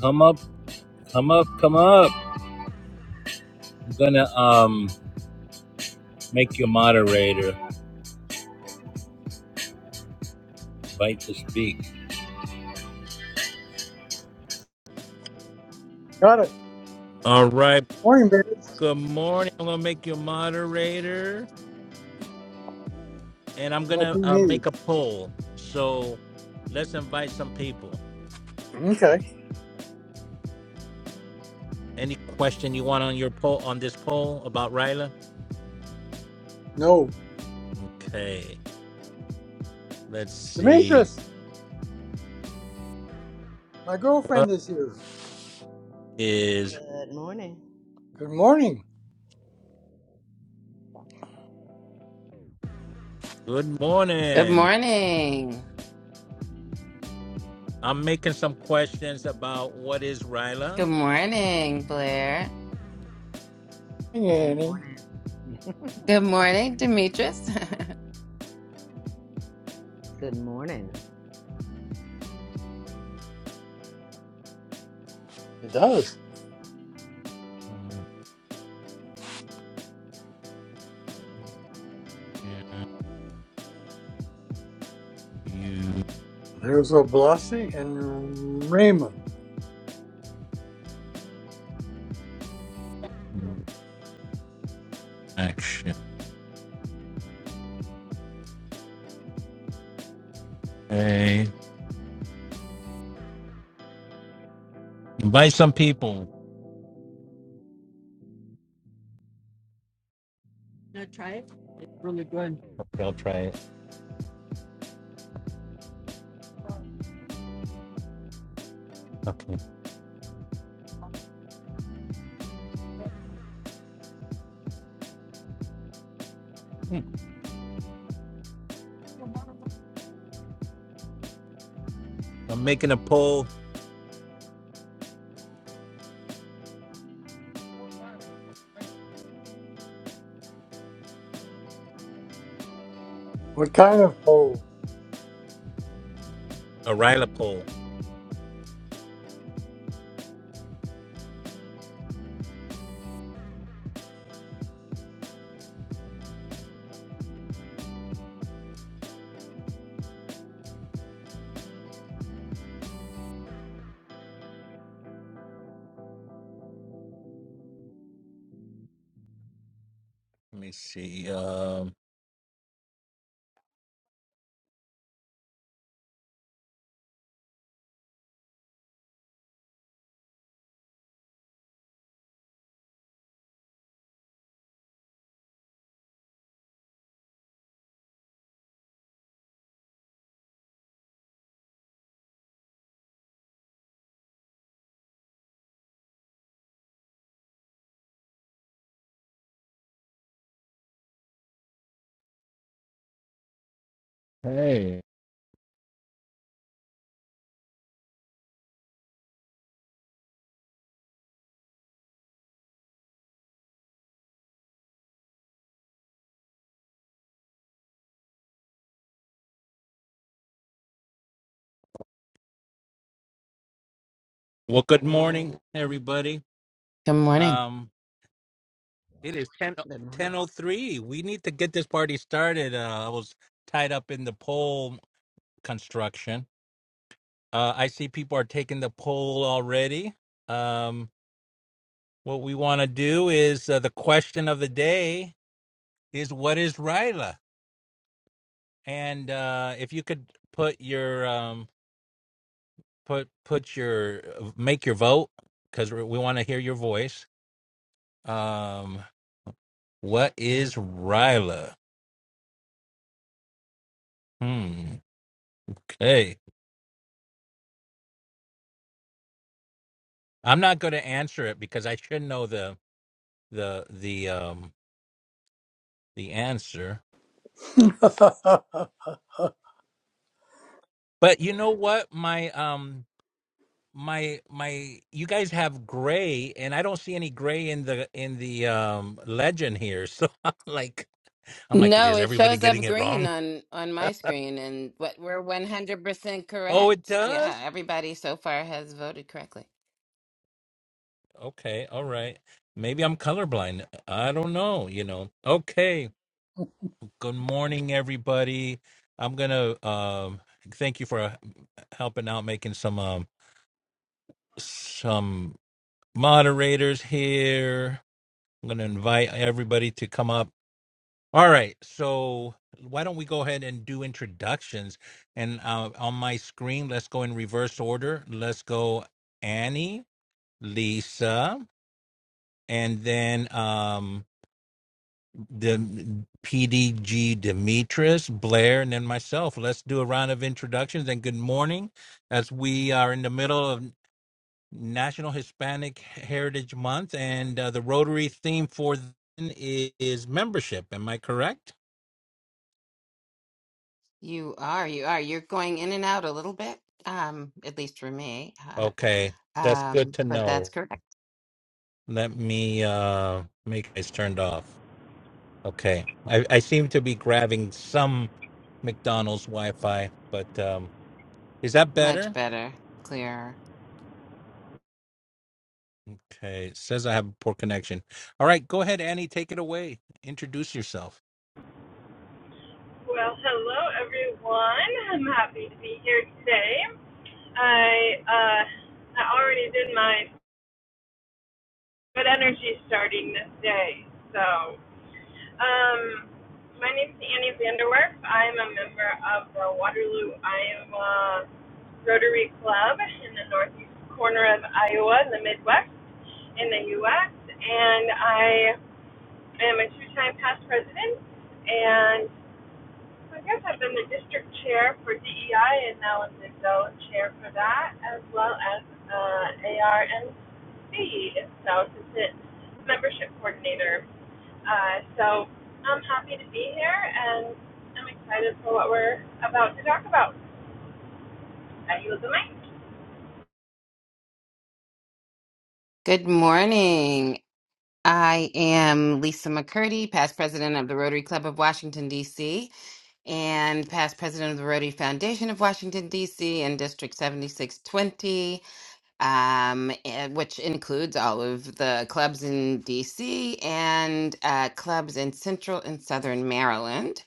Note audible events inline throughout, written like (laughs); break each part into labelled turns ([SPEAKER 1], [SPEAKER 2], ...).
[SPEAKER 1] Come up, come up, come up. I'm gonna um make you moderator. Invite to speak.
[SPEAKER 2] Got it.
[SPEAKER 1] All right.
[SPEAKER 2] Morning, birds.
[SPEAKER 1] Good morning. I'm gonna make you moderator, and I'm gonna
[SPEAKER 2] Lucky
[SPEAKER 1] uh,
[SPEAKER 2] me.
[SPEAKER 1] make a poll. So let's invite some people.
[SPEAKER 2] Okay.
[SPEAKER 1] Any question you want on your poll on this poll about Ryla?
[SPEAKER 2] No.
[SPEAKER 1] Okay. Let's see.
[SPEAKER 2] Demetrius, my
[SPEAKER 1] What
[SPEAKER 2] girlfriend is here.
[SPEAKER 1] is
[SPEAKER 3] Good morning.
[SPEAKER 2] Good morning.
[SPEAKER 1] good
[SPEAKER 4] Good
[SPEAKER 1] morning?
[SPEAKER 4] morning.
[SPEAKER 1] I'm making some questions about what is Ryla.
[SPEAKER 4] Good morning, Blair.
[SPEAKER 2] Hey,
[SPEAKER 3] Good
[SPEAKER 2] Annie.
[SPEAKER 3] morning.
[SPEAKER 4] Good morning, Demetrius.
[SPEAKER 3] Good morning.
[SPEAKER 2] It does.
[SPEAKER 1] You
[SPEAKER 2] There's Oblassi and Raymond.
[SPEAKER 1] Action. Hey, invite some people. Okay, I'll try it. Hmm. I'm making a poll,
[SPEAKER 2] What kind of poll?
[SPEAKER 1] a Ryla poll. Let me see. Um, hey. Well, good morning, everybody.
[SPEAKER 4] (laughs) Good morning.
[SPEAKER 1] Um, it is 10,
[SPEAKER 3] Good morning.
[SPEAKER 1] 10.03. We need to get this party started. Uh, I was tied up in the poll construction. Uh, I see people are taking the poll already. Um, what we want to do is uh, the question of the day is what is Ryla? And uh, if you could put your um, put put your uh, make your vote because we want to hear your voice. Um, what is Ryla? Hmm. Okay, I'm not going to answer it because I should know the the the um the answer.
[SPEAKER 2] (laughs)
[SPEAKER 1] But you know what, my um my my you guys have gray and I don't see any gray in the in the um legend here. So (laughs) I'm like I'm like
[SPEAKER 4] No,
[SPEAKER 1] is
[SPEAKER 4] it
[SPEAKER 1] everybody
[SPEAKER 4] shows
[SPEAKER 1] getting
[SPEAKER 4] up
[SPEAKER 1] it
[SPEAKER 4] green
[SPEAKER 1] wrong?
[SPEAKER 4] on on my screen, and what we're one hundred percent
[SPEAKER 1] Oh, it
[SPEAKER 4] correct.
[SPEAKER 1] does?
[SPEAKER 4] Yeah, everybody so far has voted correctly.
[SPEAKER 1] Okay, all right. Maybe I'm colorblind. I don't know, you know. Okay. Good morning, everybody. I'm gonna um thank you for uh, helping out making some um some moderators here. I'm gonna invite everybody to come up. All right, so why don't we go ahead and do introductions? And uh, on my screen, let's go in reverse order. Let's go Annie, Lisa, and then um Dem- PDG Demetrius, Blair, and then myself. Let's do a round of introductions and good morning as we are in the middle of National Hispanic Heritage Month and uh, the Rotary theme for then i- is membership. Am I correct?
[SPEAKER 4] You are, you are. You're going in and out a little bit, um, at least for me.
[SPEAKER 1] Okay,
[SPEAKER 4] Uh,
[SPEAKER 1] that's good
[SPEAKER 4] um,
[SPEAKER 1] to
[SPEAKER 4] but that's
[SPEAKER 1] know.
[SPEAKER 4] correct.
[SPEAKER 1] Let me uh, make this turned off. Okay, I, I seem to be grabbing some McDonald's Wi Fi, but um, is that better?
[SPEAKER 4] Much better, clearer.
[SPEAKER 1] Okay, it says I have a poor connection. All right, go ahead, Annie, take it away. Introduce yourself.
[SPEAKER 5] Well, hello everyone. I'm happy to be here today. I uh, I already did my good energy starting this day. So, um, my name's Annie Vanderwerf. I'm a member of the Waterloo, Iowa Rotary Club in the northeast corner of Iowa, in the Midwest, in the U.S. And I am a two-time past president, and. So I guess I've been the district chair for DEI and now I'm the zone chair for that, as well as uh, ARNC itself is the membership coordinator. Uh, so I'm happy to be here and I'm excited for what we're about to talk about. I yield the mic.
[SPEAKER 4] Good morning. I am Lisa McCurdy, past president of the Rotary Club of Washington, D.C., and past president of the Rotary Foundation of Washington, D.C., in District 7620, um, and- which includes all of the clubs in D.C. and uh, clubs in Central and Southern Maryland.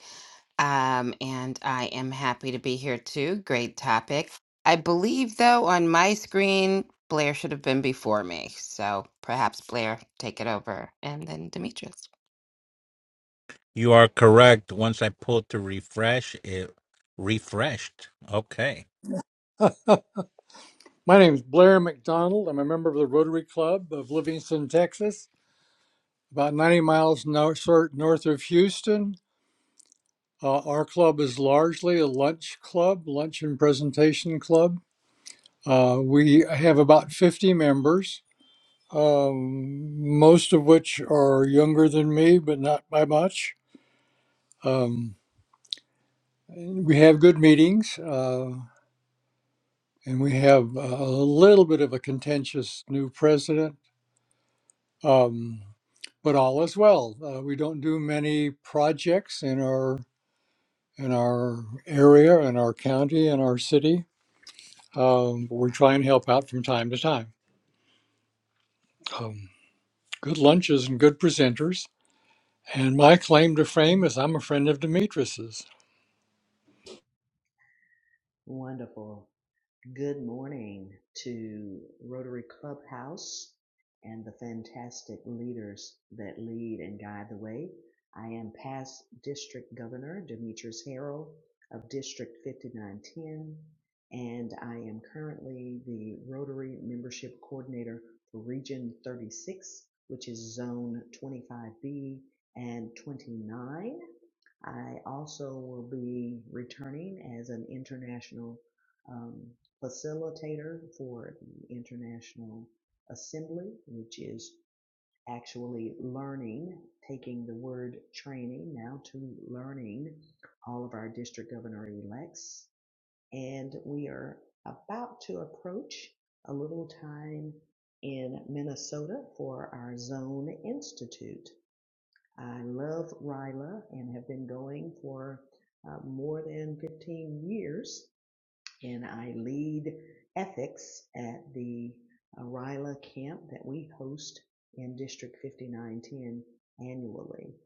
[SPEAKER 4] Um, and I am happy to be here too. Great topic. I believe, though, on my screen, Blair should have been before me. So perhaps Blair, take it over, and then Demetrius.
[SPEAKER 1] You are correct. Once I pulled to refresh, it refreshed. Okay.
[SPEAKER 2] My name's Blair McDonald. I'm a member of the Rotary Club of Livingston, Texas, about 90 miles nor- sor- north of Houston. Uh, our club is largely a lunch club, lunch and presentation club. Uh, we have about 50 members. um, most of which are younger than me, but not by much. Um, we have good meetings, uh, and we have a little bit of a contentious new president, um, but all is well. Uh, we don't do many projects in our in our area, in our county, in our city. Um, but we try and help out from time to time. Um, good lunches and good presenters. And my claim to fame is I'm a friend of Demetrius's.
[SPEAKER 3] Wonderful. Good morning to Rotary Clubhouse and the fantastic leaders that lead and guide the way. I am past District Governor Demetrius Harrell of District 5910, and I am currently the Rotary Membership Coordinator for Region 36, which is Zone 25B and 29. I also will be returning as an international um, facilitator for the International Assembly, which is actually learning, taking the word training now to learning all of our district governor elects. And we are about to approach a little time in Minnesota for our Zone Institute. I love RILA and have been going for uh, more than 15 years and I lead ethics at the RILA camp that we host in District 5910 annually.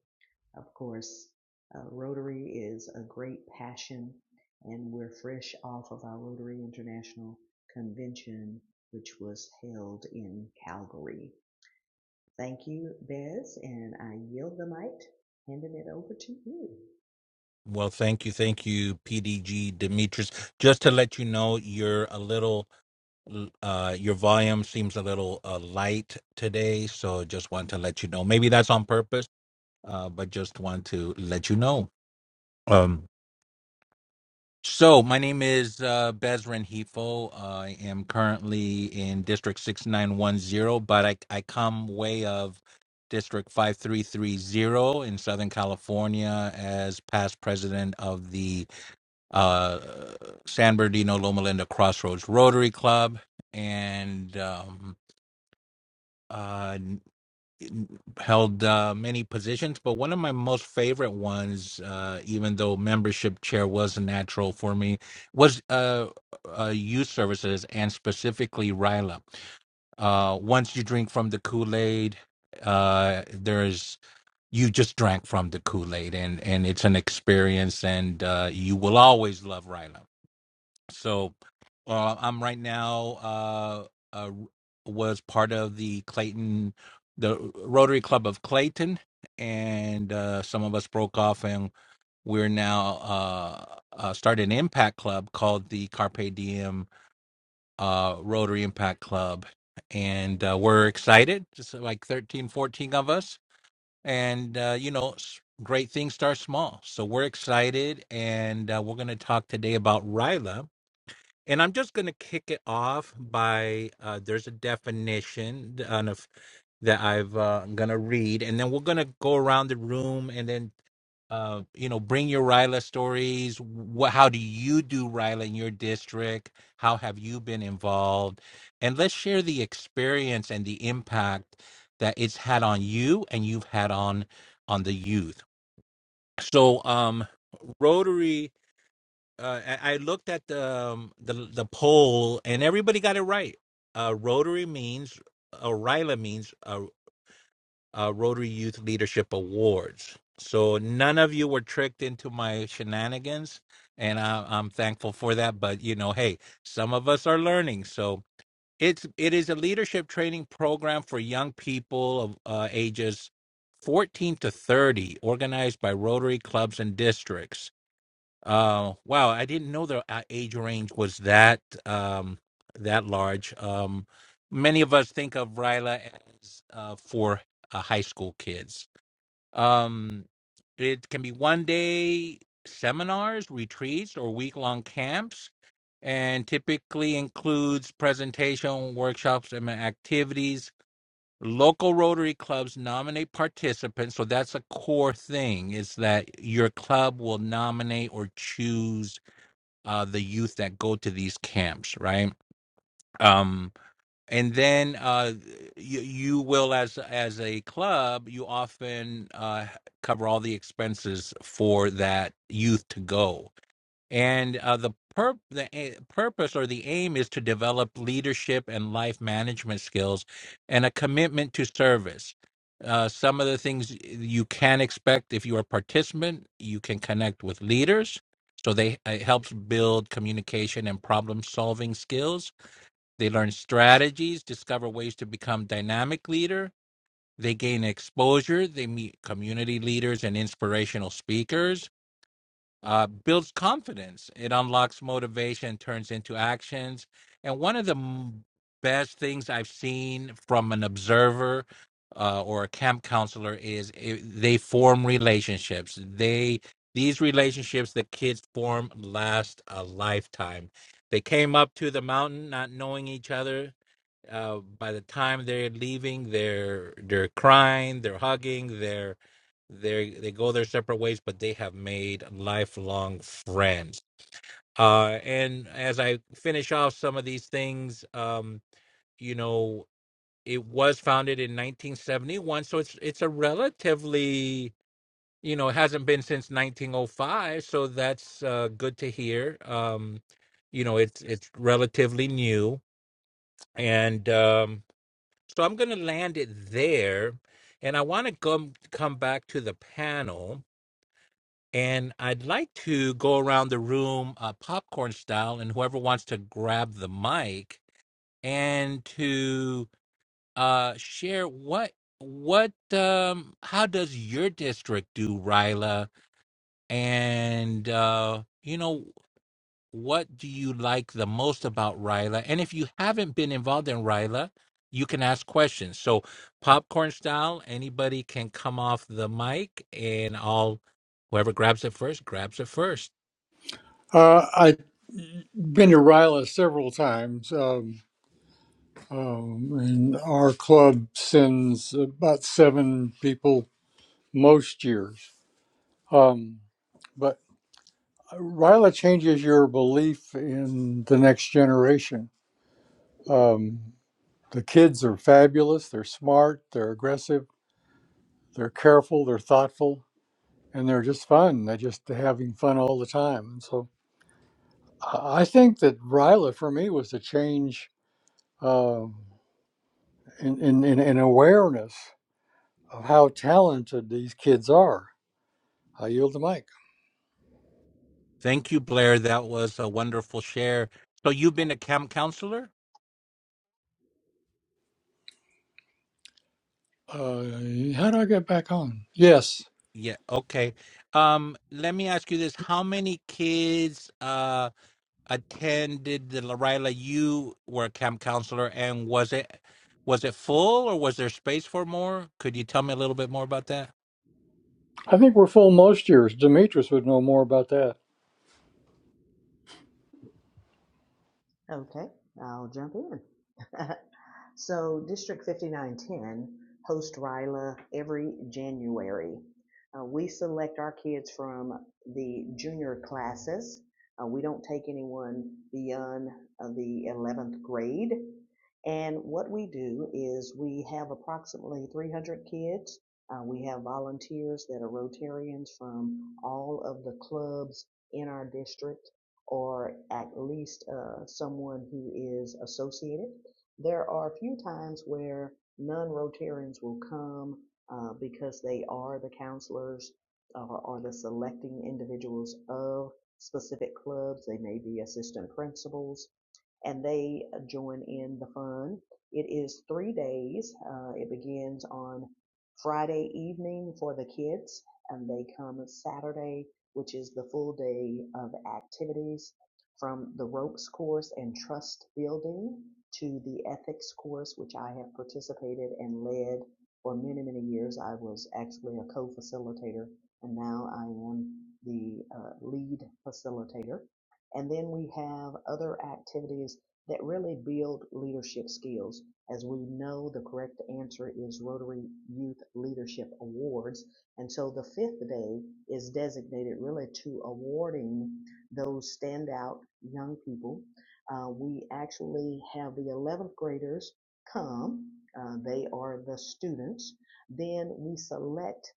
[SPEAKER 3] Of course, uh, Rotary is a great passion, and we're fresh off of our Rotary International Convention, which was held in Calgary. Thank you, Bez, and I yield the mic, handing it over to you.
[SPEAKER 1] Well, thank you, thank you, PDG Demetrius. Just to let you know, you're a little, uh, your volume seems a little uh, light today, so just want to let you know. Maybe that's on purpose, uh, but just want to let you know. Um. So, my name is uh, Bezrin Hefo. I am currently in District 6910, but I, I come way of District 5330 in Southern California as past president of the uh, San Bernardino Loma Linda Crossroads Rotary Club. And um, uh, held uh, many positions, but one of my most favorite ones, uh, even though membership chair was a natural for me, was uh, uh, youth services and specifically RILA. Uh, once you drink from the Kool Aid, uh, there's you just drank from the Kool Aid, and and it's an experience, and uh, you will always love RILA. So uh, I'm right now uh, uh, was part of the Clayton, the Rotary Club of Clayton, and uh, some of us broke off, and we're now uh, uh, started an impact club called the Carpe Diem uh, Rotary Impact Club, and uh, we're excited, just like 13, 14 of us, and uh, you know. s- Great things start small. So we're excited, and uh, we're going to talk today about Ryla and I'm just going to kick it off by uh, there's a definition on of that I've uh, I'm gonna read, and then we're gonna go around the room and then uh, you know bring your Ryla stories. What how do you do Ryla in your district? How have you been involved? And let's share the experience and the impact that it's had on you and you've had on on the youth. So um, Rotary uh, I I looked at the um, the the poll, and everybody got it right. Uh, Rotary means uh, RILA means uh, uh, Rotary Youth Leadership Awards. So none of you were tricked into my shenanigans, and I, I'm thankful for that. But you know, hey, some of us are learning, so it's it is a leadership training program for young people of uh, ages 14 to 30, organized by Rotary clubs and districts. Uh, wow, I didn't know the uh, age range was that um, that large. Um, many of us think of Ryla as uh, for uh, high school kids. Um, it can be one day seminars, retreats, or week long camps, and typically includes presentation, workshops, and activities local rotary clubs nominate participants so that's a core thing is that your club will nominate or choose uh, the youth that go to these camps right Um, and then uh, you, you will as as a club you often uh, cover all the expenses for that youth to go and uh, the pur- the a- purpose or the aim is to develop leadership and life management skills and a commitment to service uh, some of the things you can expect if you're a participant you can connect with leaders so they it helps build communication and problem solving skills they learn strategies, discover ways to become dynamic leader. They gain exposure. They meet community leaders and inspirational speakers. Uh, builds confidence. It unlocks motivation, turns into actions. And one of the m- best things I've seen from an observer uh, or a camp counselor is it, they form relationships. They these relationships that kids form last a lifetime. They came up to the mountain not knowing each other uh, by the time they're leaving, they're they're crying, they're hugging, they're they they go their separate ways, but they have made lifelong friends. Uh, and as I finish off some of these things, um, you know, it was founded in 1971, so it's it's a relatively you know it hasn't been since 1905, so that's uh, good to hear. Um, you know, it's it's relatively new, and um, so I'm going to land it there. And I want to come, come back to the panel. And I'd like to go around the room uh, popcorn style, and whoever wants to grab the mic and to uh, share what what um, how does your district do, Ryla? And uh, you know what do you like the most about Ryla? And if you haven't been involved in Ryla, you can ask questions. So, popcorn style, anybody can come off the mic, and I'll whoever grabs it first grabs it first.
[SPEAKER 2] Uh, I've been to Ryla several times, um, um, and our club sends about seven people most years. Um, but Ryla changes your belief in the next generation. Um, the kids are fabulous. They're smart. They're aggressive. They're careful. They're thoughtful, and they're just fun. They're just having fun all the time. And so I I think that Ryla for me was a change. Um, In in in and awareness of how talented these kids are. I yield the mic.
[SPEAKER 1] Thank you, Blair. That was a wonderful share. So, you've been a camp counselor?
[SPEAKER 2] Uh, how do I get back on? Yes,
[SPEAKER 1] Yeah. Okay. Um, let me ask you this: How many kids? Uh, attended the Lorila you were a camp counselor and was it was it full or was there space for more? Could you tell me a little bit more about that?
[SPEAKER 2] I think we're full most years. Demetrius would know more about that.
[SPEAKER 3] Okay, I'll jump in. (laughs) So District 5910 hosts RILA every January. Uh, we select our kids from the junior classes. Uh, we don't take anyone beyond uh, the 11th grade. And what we do is we have approximately 300 kids. Uh, we have volunteers that are Rotarians from all of the clubs in our district, or at least uh, someone who is associated there are a few times where non-Rotarians will come uh, because they are the counselors or, or the selecting individuals of specific clubs. They may be assistant principals and they uh, join in the fun. It is three days. Uh, it begins on Friday evening for the kids, and they come Saturday, which is the full day of activities from the ropes course and trust building to the ethics course, which I have participated and led for many, many years. I was actually a co facilitator, and now I am the uh, lead facilitator. And then we have other activities that really build leadership skills. As we know, the correct answer is Rotary Youth Leadership Awards. And so the fifth day is designated really to awarding those standout young people. Uh, we actually have the 11th graders come. Uh, they are the students. Then we select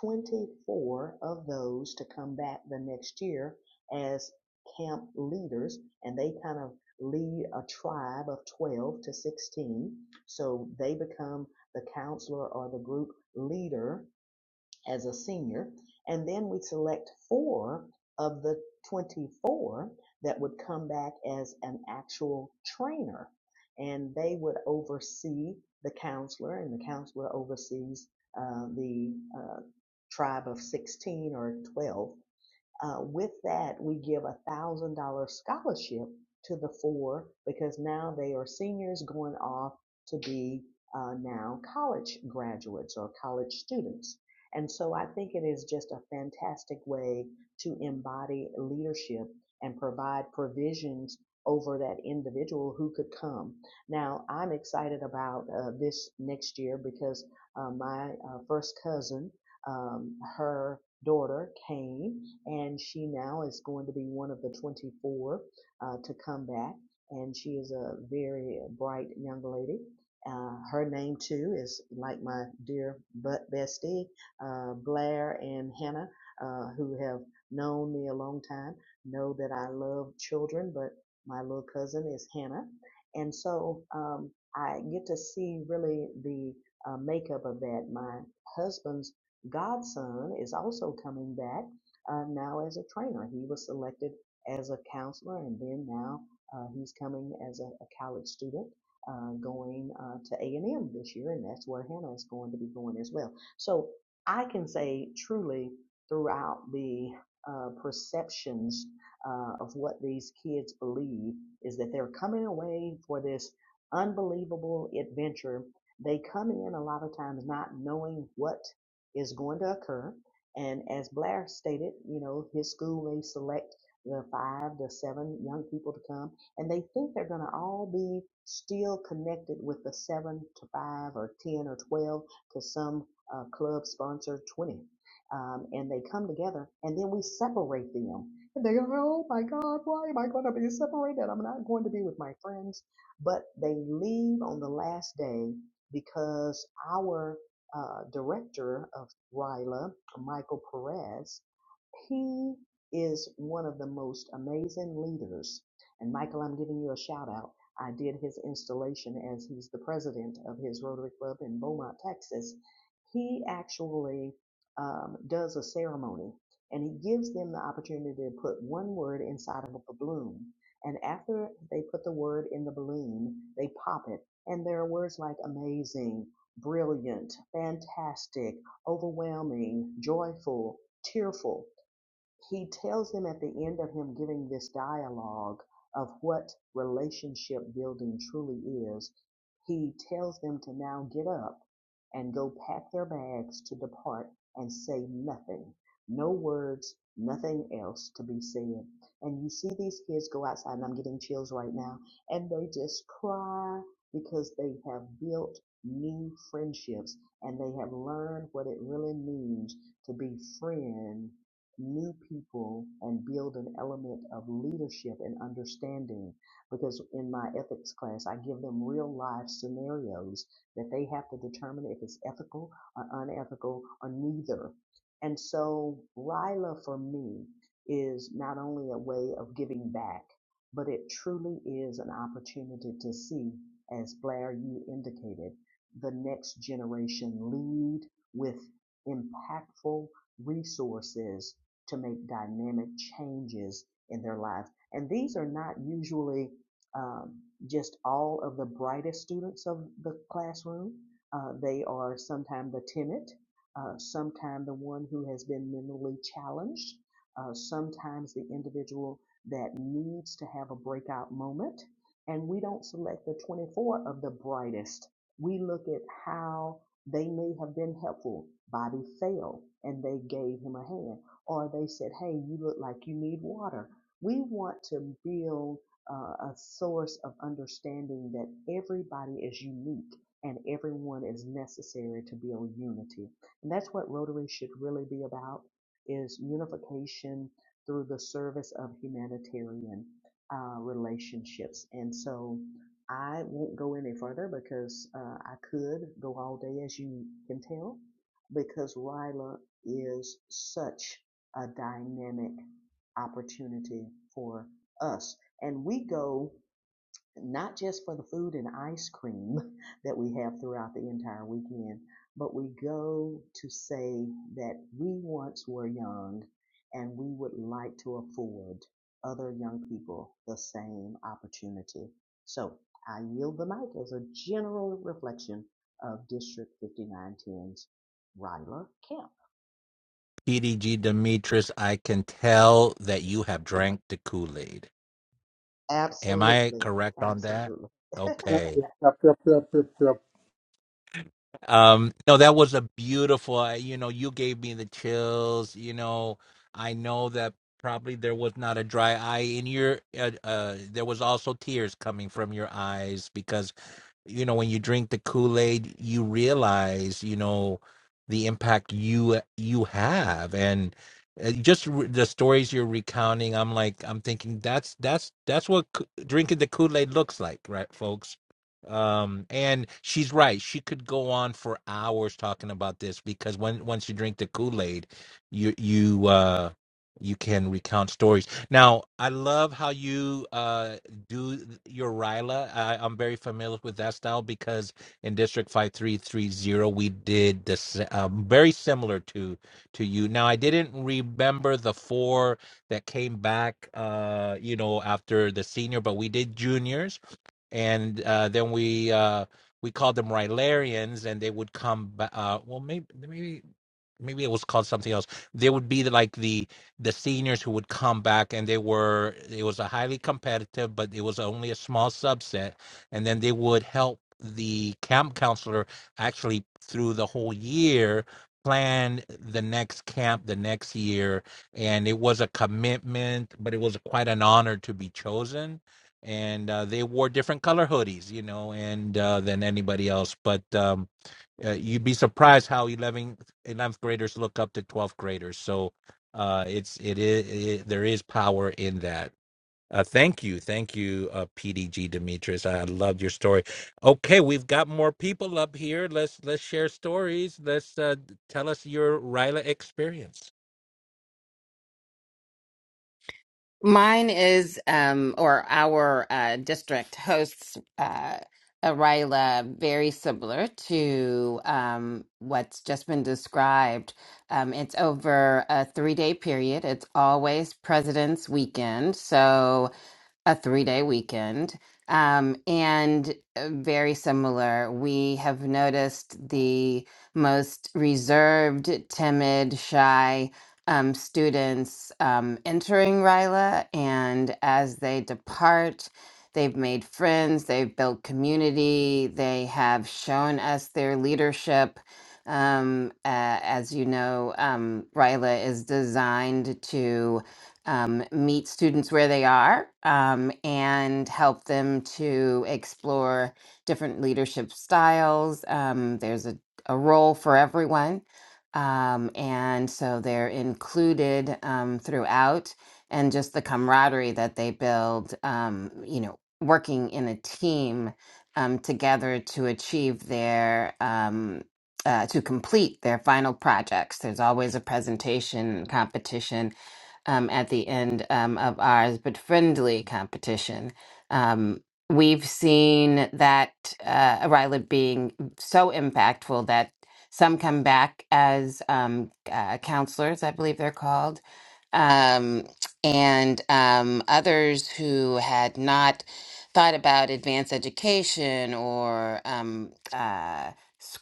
[SPEAKER 3] 24 of those to come back the next year as camp leaders, and they kind of lead a tribe of 12 to 16. So they become the counselor or the group leader as a senior. And then we select four of the 24 that would come back as an actual trainer. And they would oversee the counselor, and the counselor oversees uh, the uh, tribe of 16 or 12 uh, with that, we give a thousand dollar scholarship to the four because now they are seniors going off to be uh, now college graduates or college students. And so I think it is just a fantastic way to embody leadership and provide provisions over that individual who could come. Now, I'm excited about uh, this next year because uh, my uh, first cousin, um, her daughter came and she now is going to be one of the 24 uh, to come back. And she is a very bright young lady. Uh, her name too is like my dear butt bestie, uh, Blair and Hannah, uh, who have known me a long time, know that I love children, but my little cousin is Hannah. And so, um, I get to see really the uh, makeup of that. My husband's godson is also coming back uh, now as a trainer. He was selected as a counselor, and then now uh, he's coming as a, a college student. Uh, going uh, to A&M this year, and that's where Hannah is going to be going as well. So I can say truly throughout the uh, perceptions uh, of what these kids believe is that they're coming away for this unbelievable adventure. They come in a lot of times not knowing what is going to occur and as Blair stated, you know, his school may select the five, the seven young people to come, and they think they're going to all be still connected with the seven to five or 10 or 12 because some uh, club sponsor 20. Um, and they come together and then we separate them. And they go, oh my God, why am I going to be separated? I'm not going to be with my friends. But they leave on the last day because our uh, director of RILA, Michael Perez, he is one of the most amazing leaders. And Michael, I'm giving you a shout out. I did his installation as he's the president of his Rotary Club in Beaumont, Texas. He actually um, does a ceremony and he gives them the opportunity to put one word inside of a balloon. And after they put the word in the balloon, they pop it. And there are words like amazing, Brilliant, fantastic, overwhelming, joyful, tearful. He tells him at the end of him giving this dialogue of what relationship building truly is, he tells them to now get up and go pack their bags to depart and say nothing. No words, nothing else to be said. And you see these kids go outside, and I'm getting chills right now, and they just cry because they have built new friendships and they have learned what it really means to be friend new people and build an element of leadership and understanding because in my ethics class I give them real life scenarios that they have to determine if it's ethical or unethical or neither. And so Rila for me is not only a way of giving back, but it truly is an opportunity to see, as Blair you indicated, the next generation lead with impactful resources to make dynamic changes in their lives. And these are not usually um, just all of the brightest students of the classroom. Uh, they are sometimes the timid, uh, sometimes the one who has been mentally challenged, uh, sometimes the individual that needs to have a breakout moment. And we don't select the 24 of the brightest. We look at how they may have been helpful. Bobby failed and they gave him a hand or they said, hey, you look like you need water. We want to build uh, a source of understanding that everybody is unique and everyone is necessary to build unity. And that's what Rotary should really be about is unification through the service of humanitarian uh, relationships. And so I won't go any further because uh, I could go all day, as you can tell, because Ryla is such a dynamic opportunity for us. And we go not just for the food and ice cream (laughs) that we have throughout the entire weekend, but we go to say that we once were young and we would like to afford other young people the same opportunity. So I yield the mic as a general reflection of District 59 5910's Ryla Kemp.
[SPEAKER 1] PDG Demetrius, I can tell that you have drank the Kool-Aid. Am I
[SPEAKER 3] Absolutely.
[SPEAKER 1] correct on that?
[SPEAKER 3] Absolutely.
[SPEAKER 2] Yep,
[SPEAKER 1] Okay.
[SPEAKER 2] yep, yep, yep, yep, yep.
[SPEAKER 1] Um no that was a beautiful I- you know you gave me the chills, you know. I know that probably there was not a dry eye in your uh, uh there was also tears coming from your eyes because you know when you drink the kool-aid you realize you know the impact you you have and uh, just re- the stories you're recounting i'm like i'm thinking that's that's that's what Ko- drinking the kool-aid looks like right folks um and she's right she could go on for hours talking about this because when once you drink the kool-aid you you uh you can recount stories now i love how you uh do your Ryla. I, I'm very familiar with that style because in District 5330, we did this um, very similar to to you. Now, I didn't remember the four that came back, uh, you know, after the senior, but we did juniors, and uh, then we uh, we called them Rylarians, and they would come back. Uh, well, maybe maybe maybe it was called something else. There would be the, like the the seniors who would come back, and they were it was a highly competitive, but it was only a small subset, and then they would help the camp counselor actually through the whole year plan the next camp the next year and it was a commitment but it was quite an honor to be chosen and uh, they wore different color hoodies you know and uh, than anybody else but um uh, you'd be surprised how 11th 11th graders look up to 12th graders. So uh, it's it is it, there is power in that. Uh, thank you, thank you, uh, PDG Demetrius. I loved your story. Okay, we've got more people up here. Let's let's share stories. Let's uh, tell us your Ryla experience.
[SPEAKER 4] Mine is, um, or our uh, district hosts, uh, Arila, very similar to um, what's just been described. Um, it's over a three day period. It's always President's Weekend. So a three day weekend. Um, and uh, very similar, we have noticed the most reserved, timid, shy um, students um, entering RILA. And as they depart, they've made friends, they've built community, they have shown us their leadership. Um, uh, as you know, um, RILA is designed to um, meet students where they are um, and help them to explore different leadership styles. Um, there's a, a role for everyone. Um, and so they're included um, throughout, and just the camaraderie that they build, um, you know, working in a team um, together to achieve their, um, uh, to complete their final projects. There's always a presentation competition um, at the end um, of ours, but friendly competition. Um, we've seen that uh, Ryla being so impactful that some come back as um, uh, counselors, I believe they're called, um, and um, others who had not thought about advanced education or um, uh,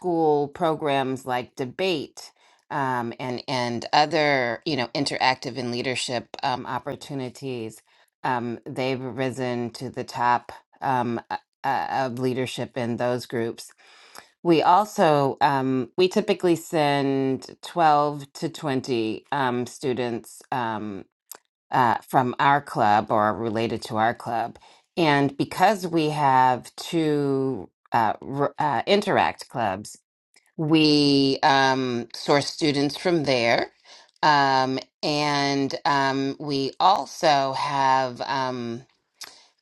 [SPEAKER 4] school programs like debate um, and and other you know interactive and leadership um, opportunities. Um, they've risen to the top um, uh, uh, of leadership in those groups. We also um, we typically send twelve to twenty um, students um, uh, from our club or related to our club, and because we have two. Uh, r- uh, interact clubs we um, source students from there. Um, and um, we also have. Um,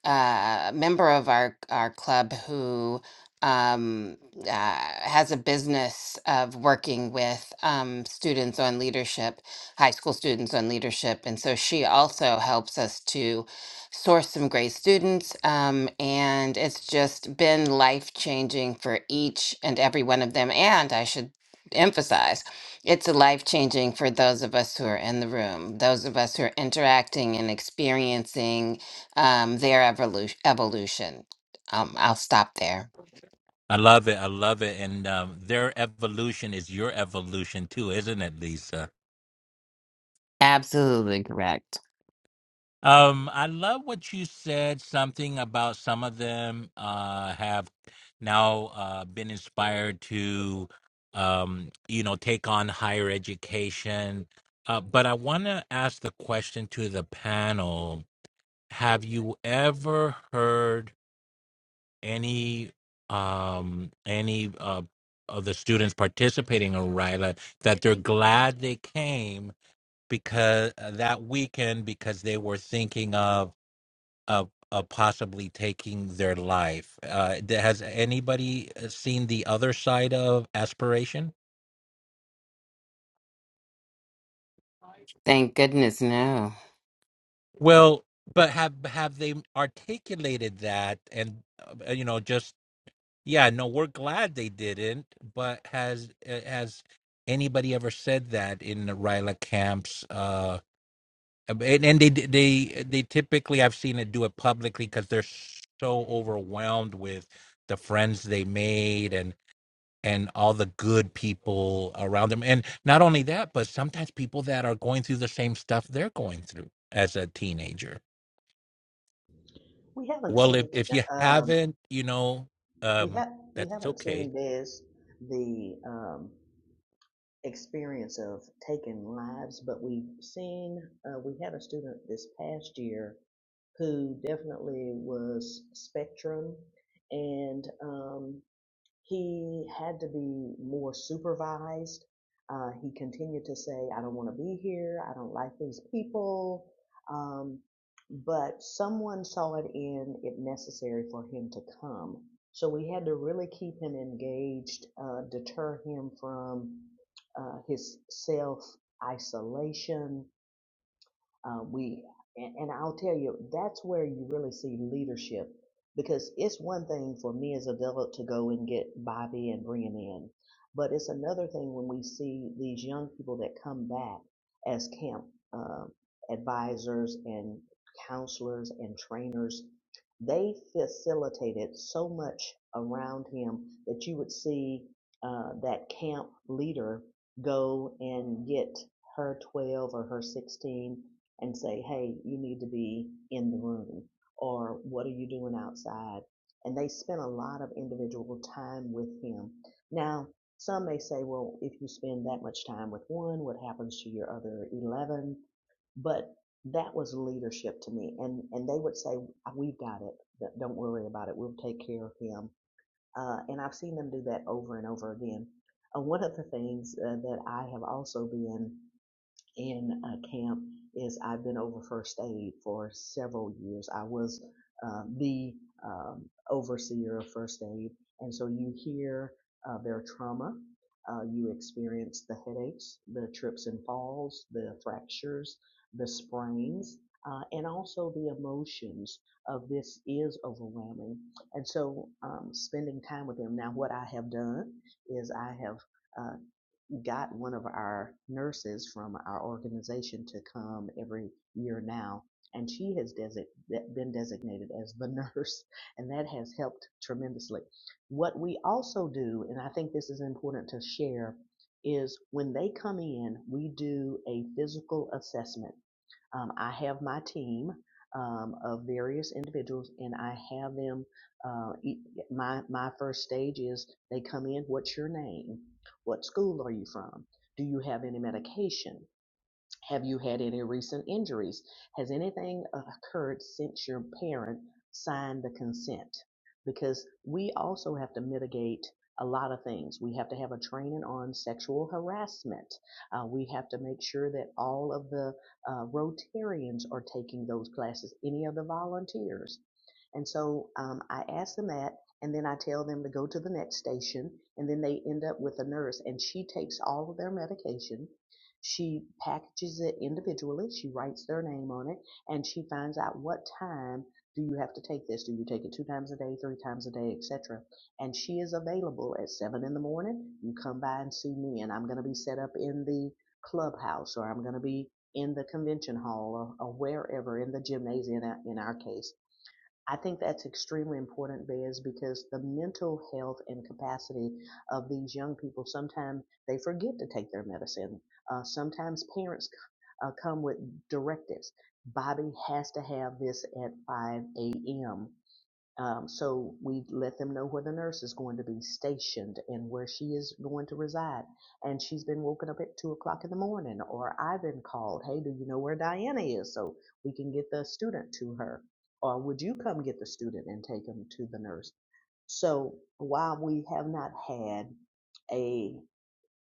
[SPEAKER 4] uh, member of our our club who um, uh, has a business of working with um, students on leadership, high school students on leadership, and so she also helps us to source some great students. Um, and it's just been life changing for each and every one of them. And I should emphasize it's a life changing for those of us who are in the room those of us who are interacting and experiencing um, their evolution. evolution. Um, I'll stop there.
[SPEAKER 1] I love it. I love it. And um, their evolution is your evolution too, isn't it, Lisa?
[SPEAKER 4] Absolutely correct.
[SPEAKER 1] Um, I love what you said. Something about some of them uh, have now uh, been inspired to, um, you know, take on higher education. Uh, but I want to ask the question to the panel: Have you ever heard any um, any uh, of the students participating in RILA that they're glad they came because uh, that weekend because they were thinking of of of possibly taking their life. Uh, th- has anybody uh, seen the other side of aspiration?
[SPEAKER 4] Thank goodness, no.
[SPEAKER 1] Well, but have have they articulated that? And uh, you know, just yeah, no, we're glad they didn't. But has uh, has anybody ever said that in the Ryla camps? Uh, and, and they they they typically I've seen it do it publicly because they're so overwhelmed with the friends they made and. and all the good people around them. And not only that, but sometimes people that are going through the same stuff they're going through as a teenager.
[SPEAKER 3] We haven't
[SPEAKER 1] Well, if
[SPEAKER 3] seen,
[SPEAKER 1] if you
[SPEAKER 3] um,
[SPEAKER 1] haven't, you know,
[SPEAKER 3] we
[SPEAKER 1] um,
[SPEAKER 3] have, we
[SPEAKER 1] that's
[SPEAKER 3] haven't
[SPEAKER 1] okay.
[SPEAKER 3] seen this, the, um, experience of taking lives, but we've seen, uh, we had a student this past year who definitely was spectrum and, um, he had to be more supervised. Uh, he continued to say, I don't want to be here. I don't like these people. Um, but someone saw it in it necessary for him to come. So we had to really keep him engaged, uh, deter him from uh, his self isolation, uh, we and, and I'll tell you that's where you really see leadership because it's one thing for me as a adult to go and get Bobby and bring him in, but it's another thing when we see these young people that come back as camp uh, advisors and counselors and trainers. They facilitated so much around him that you would see uh, that camp leader go and get her 12 or her 16 and say, hey, you need to be in the room or what are you doing outside? And they spent a lot of individual time with him. Now, some may say, well, if you spend that much time with one, what happens to your other 11? But that was leadership to me. And, and they would say, "Uh, we've got it. Don't worry about it. We'll take care of him. Uh, and I've seen them do that over and over again. Uh, one of the things uh, that I have also been in uh, camp is I've been over first aid for several years. I was uh, the um, overseer of first aid, and so you hear uh, their trauma. Uh, you experience the headaches, the trips and falls, the fractures, the sprains, uh, and also the emotions of this is overwhelming. And so, um, spending time with them. Now, what I have done is I have uh, got one of our nurses from our organization to come every year now, and she has desi- been designated as the (laughs) nurse, and that has helped tremendously. What we also do, and I think this is important to share, is when they come in, we do a physical assessment um, I have my team um, of various individuals, and I have them. Uh, e- yeah, my my first stage is they come in. What's your name? What school are you from? Do you have any medication? Have you had any recent injuries? Has anything uh, occurred since your parent signed the consent? Because we also have to mitigate a lot of things. We have to have a training on sexual harassment. Uh, we have to make sure that all of the uh, Rotarians are taking those classes, any of the volunteers. And so um, I ask them that, and then I tell them to go to the next station, and then they end up with a nurse, and she takes all of their medication. She packages it individually. She writes their name on it, and she finds out what time do you have to take this. Do you take it two times a day, three times a day, etc. And she is available at seven in the morning. You come by and see me, and I'm going to be set up in the clubhouse, or I'm going to be in the convention hall, or, or wherever in the gymnasium in our in our case I think that's extremely important, Bez, because the mental health and capacity of these young people, sometimes they forget to take their medicine. Uh, sometimes parents uh, come with directives. Bobby has to have this at 5 a.m. Um, so we let them know where the nurse is going to be stationed and where she is going to reside. And she's been woken up at two o'clock in the morning, or I've been called, hey, do you know where Diana is? So we can get the student to her. Or would you come get the student and take him to the nurse? So while we have not had a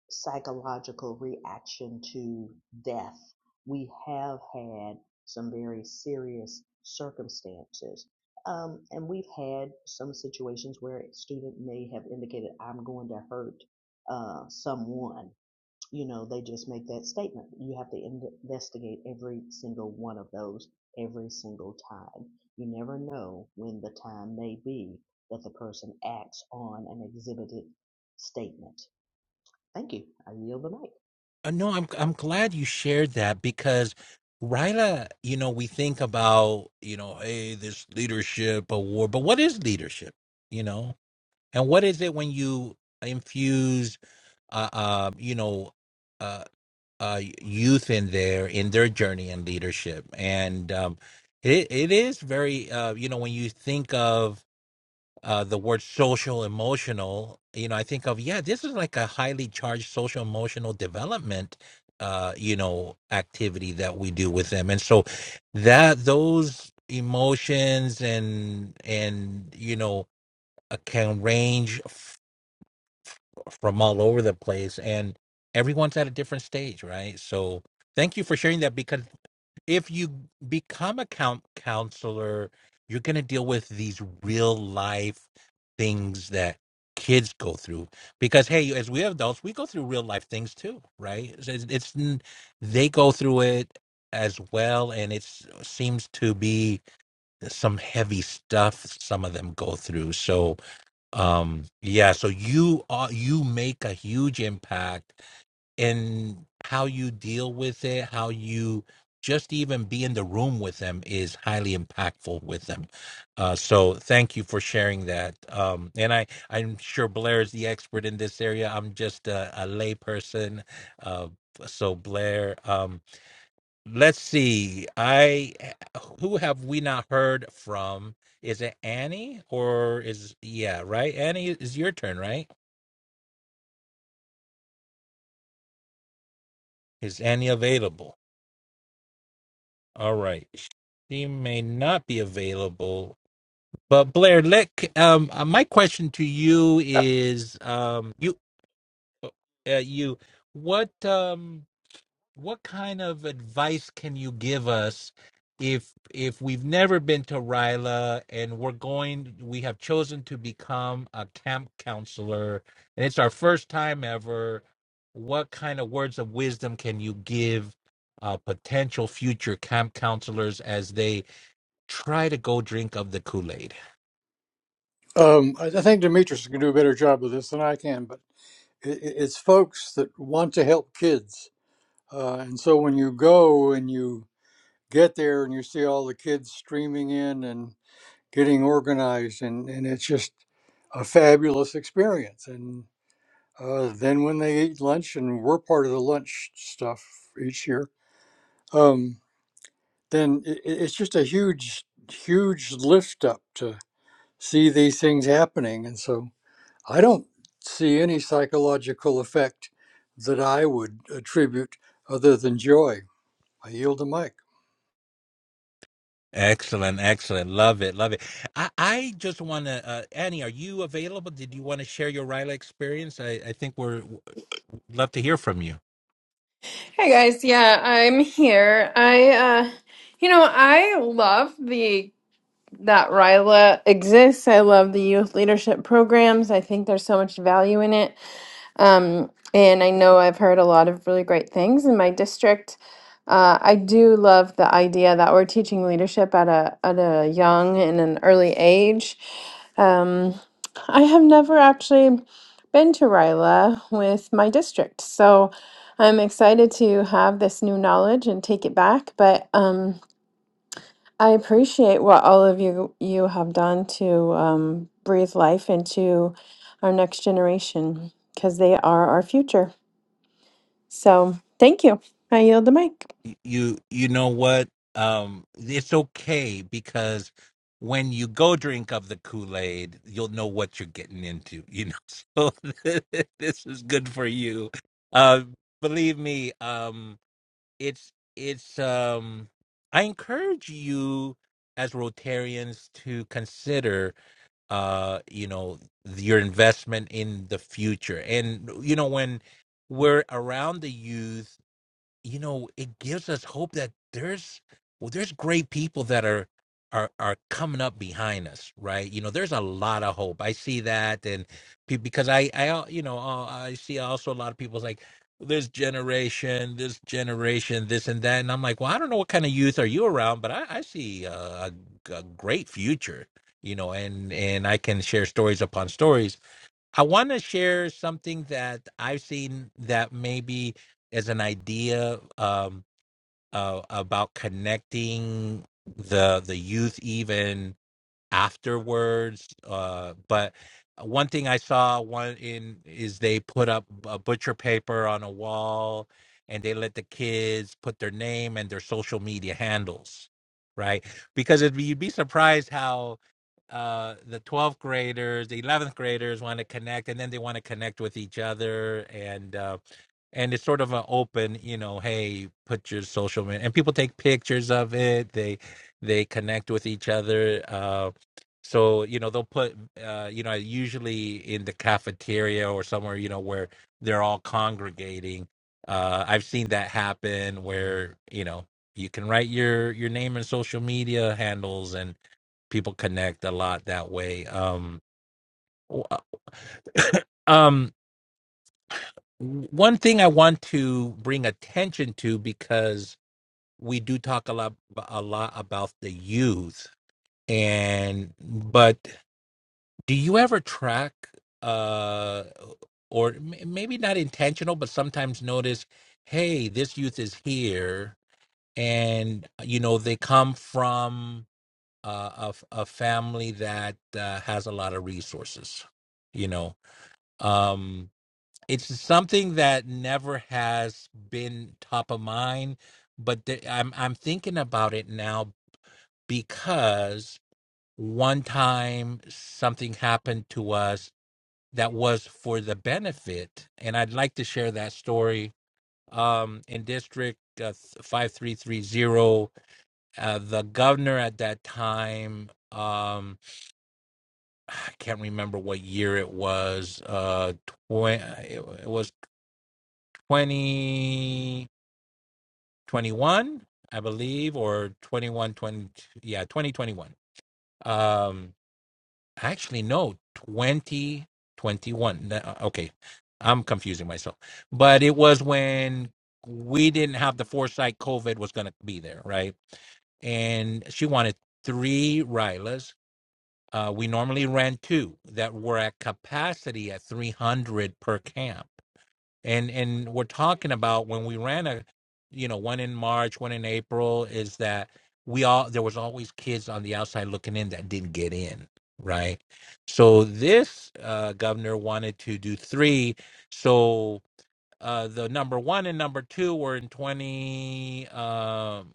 [SPEAKER 3] psychological reaction to death. We have had some very serious circumstances. Um, and we've had some situations where a student may have indicated, I'm going to hurt uh, someone. You know, they just make that statement. You have to in- investigate every single one of those every single time. You never know when the time may be that the person acts on an exhibited statement Thank you. I yield the mic.
[SPEAKER 1] Uh, no, I'm I'm glad you shared that because Ryla, you know, we think about, you know, hey, this leadership award, but what is leadership? You know, and what is it when you infuse, uh, uh you know, uh, uh, youth in there in their journey and leadership. And um, it, it is very, uh, you know, when you think of uh, the word social emotional, you know, I think of, yeah, this is like a highly charged social emotional development. Uh, you know, activity that we do with them, and so that those emotions and and you know uh, can range from all over the place and everyone's at a different stage right so thank you for sharing that because if you become a count counselor you're going to deal with these real life things that kids go through because hey as we adults we go through real life things too right it's, it's it's n- they go through it as well and it seems to be some heavy stuff some of them go through so um yeah so you are you make a huge impact in how you deal with it how you just even be in the room with them is highly impactful with them uh so thank you for sharing that um and i i'm sure blair is the expert in this area i'm just a, a lay person uh so blair um, Let's see. I who have we not heard from? Is it Annie or is yeah, right? Annie is your turn, right? Is Annie available? All right. She may not be available. But Blair, let um uh, my question to you
[SPEAKER 2] yep.
[SPEAKER 1] is um you uh, you what um what kind of advice can you give us if if we've never been to Ryla and we're going we have chosen to become a camp counselor and it's our first time ever what kind of words of wisdom can you give uh, potential future camp counselors as they try to go drink of the kool-aid
[SPEAKER 2] Um, I I think Demetrius can do a better job of this than I can, but i- i- it's folks that want to help kids. Uh, and so when you go and you get there and you see all the kids streaming in and getting organized, and, and it's just a fabulous experience. And uh, then when they eat lunch, and we're part of the lunch stuff each year, um, then it, it's just a huge, huge lift up to see these things happening. And so I don't see any psychological effect that I would attribute other than joy. I yield the mic.
[SPEAKER 1] excellent excellent love it love it I, I just want to, uh, Annie, are you available? Did you want to share your Ryla experience? I, I think we're love to hear from you.
[SPEAKER 5] Hey guys, yeah, I'm here. I uh you know, I love the that RILA exists. I love the youth leadership programs. I think there's so much value in it. Um, and I know I've heard a lot of really great things in my district. Uh, I do love the idea that we're teaching leadership at a at a young and an early age. Um, I have never actually been to RILA with my district, so I'm excited to have this new knowledge and take it back. But um, I appreciate what all of you you have done to um, breathe life into our next generation because they are our future. So thank you. I yield the mic.
[SPEAKER 1] You you know what? Um, it's okay because when you go drink of the Kool Aid, you'll know what you're getting into. You know, (laughs) so (laughs) this is good for you. Uh, believe me. Um, it's it's. Um, I encourage you as Rotarians to consider, uh, you know, your investment in the future. And you know, when we're around the youth you know it gives us hope that there's well there's great people that are are are coming up behind us right you know there's a lot of hope i see that and pe- because i i al- you know uh, i see also a lot of people's like this generation this generation this and that and i'm like well i don't know what kind of youth are you around but i i see uh, a, a great future you know and and i can share stories upon stories I want to share something that I've seen that maybe is an idea um, uh, about connecting the the youth even afterwards. Uh, but uh, one thing I saw one in is they put up a butcher paper on a wall, and they let the kids put their name and their social media handles, right? Because it'd be, you'd be surprised how uh the 12th graders the 11th graders want to connect and then they want to connect with each other and uh and it's sort of an open you know hey put your social media and people take pictures of it they they connect with each other Uh, so, you know, they'll put, uh, you know, usually in the cafeteria or somewhere, you know, where they're all congregating. Uh, I've seen that happen where, you know, you can write your your name and social media handles and people connect a lot that way. Um, w- (coughs) um, one thing I want to bring attention to because we do talk a lot a lot about the youth and but Do you ever track, uh, or m- maybe not intentional, but sometimes notice, hey, this youth is here, and uh, you know they come from uh, a f- a family that uh, has a lot of resources. You know, um, it's something that never has been top of mind, but th- I'm I'm thinking about it now because one time something happened to us that was for the benefit. And I'd like to share that story. Um, in District uh, 5330, uh, the governor at that time, um, I can't remember what year it was, uh, tw- it it was 2021, I believe, or 21 20. yeah, 2021. Um, actually no 2021 N- uh, okay i'm confusing myself but it was when we didn't have the foresight covid was going to be there right and she wanted three rylas uh, we normally ran two that were at capacity at 300 per camp and and we're talking about when we ran a you know one in march one in april is that we all there was always kids on the outside looking in that didn't get in right so this uh, governor wanted to do three so uh, the number one and number two were in 20 um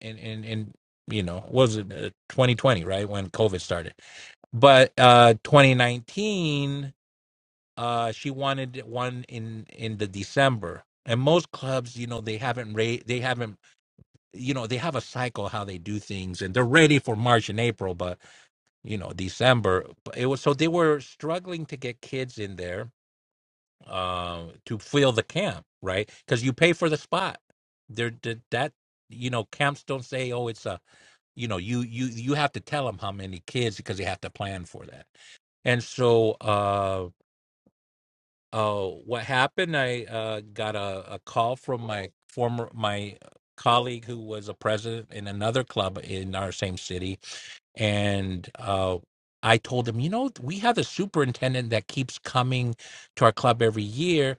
[SPEAKER 1] in in, in you know what was it uh, 2020 right when covid started but uh 2019 uh she wanted one in in the december and most clubs you know they haven't ra- they haven't you know they have a cycle how they do things and they're ready for march and april but you know december but it was so they were struggling to get kids in there uh to fill the camp right because you pay for the spot there that you know camps don't say oh it's a you know you you you have to tell them how many kids because they have to plan for that and so uh, Oh, what happened? I uh, got a, a call from my former my colleague who was a president in another club in our same city, and uh, I told him, you know, we have a superintendent that keeps coming to our club every year,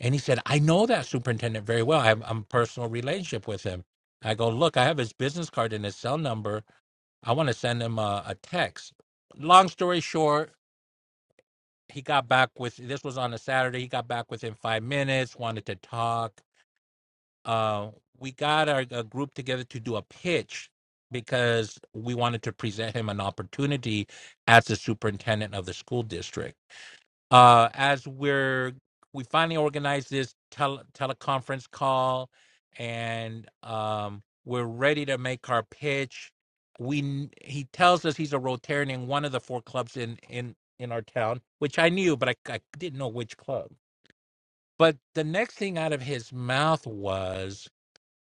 [SPEAKER 1] and he said, I know that superintendent very well. I have, I'm a personal relationship with him. I go, look, I have his business card and his cell number. I want to send him a, a text. Long story short, he got back with this was on a Saturday. He got back within five minutes, wanted to talk. Uh, we got our, a group together to do a pitch because we wanted to present him an opportunity as the superintendent of the school district uh, as we're we finally organized this tele, teleconference call and um, we're ready to make our pitch we kn- he tells us he's a rotarian in one of the four clubs in in in our town which i knew but i, I didn't know which club but the next thing out of his mouth was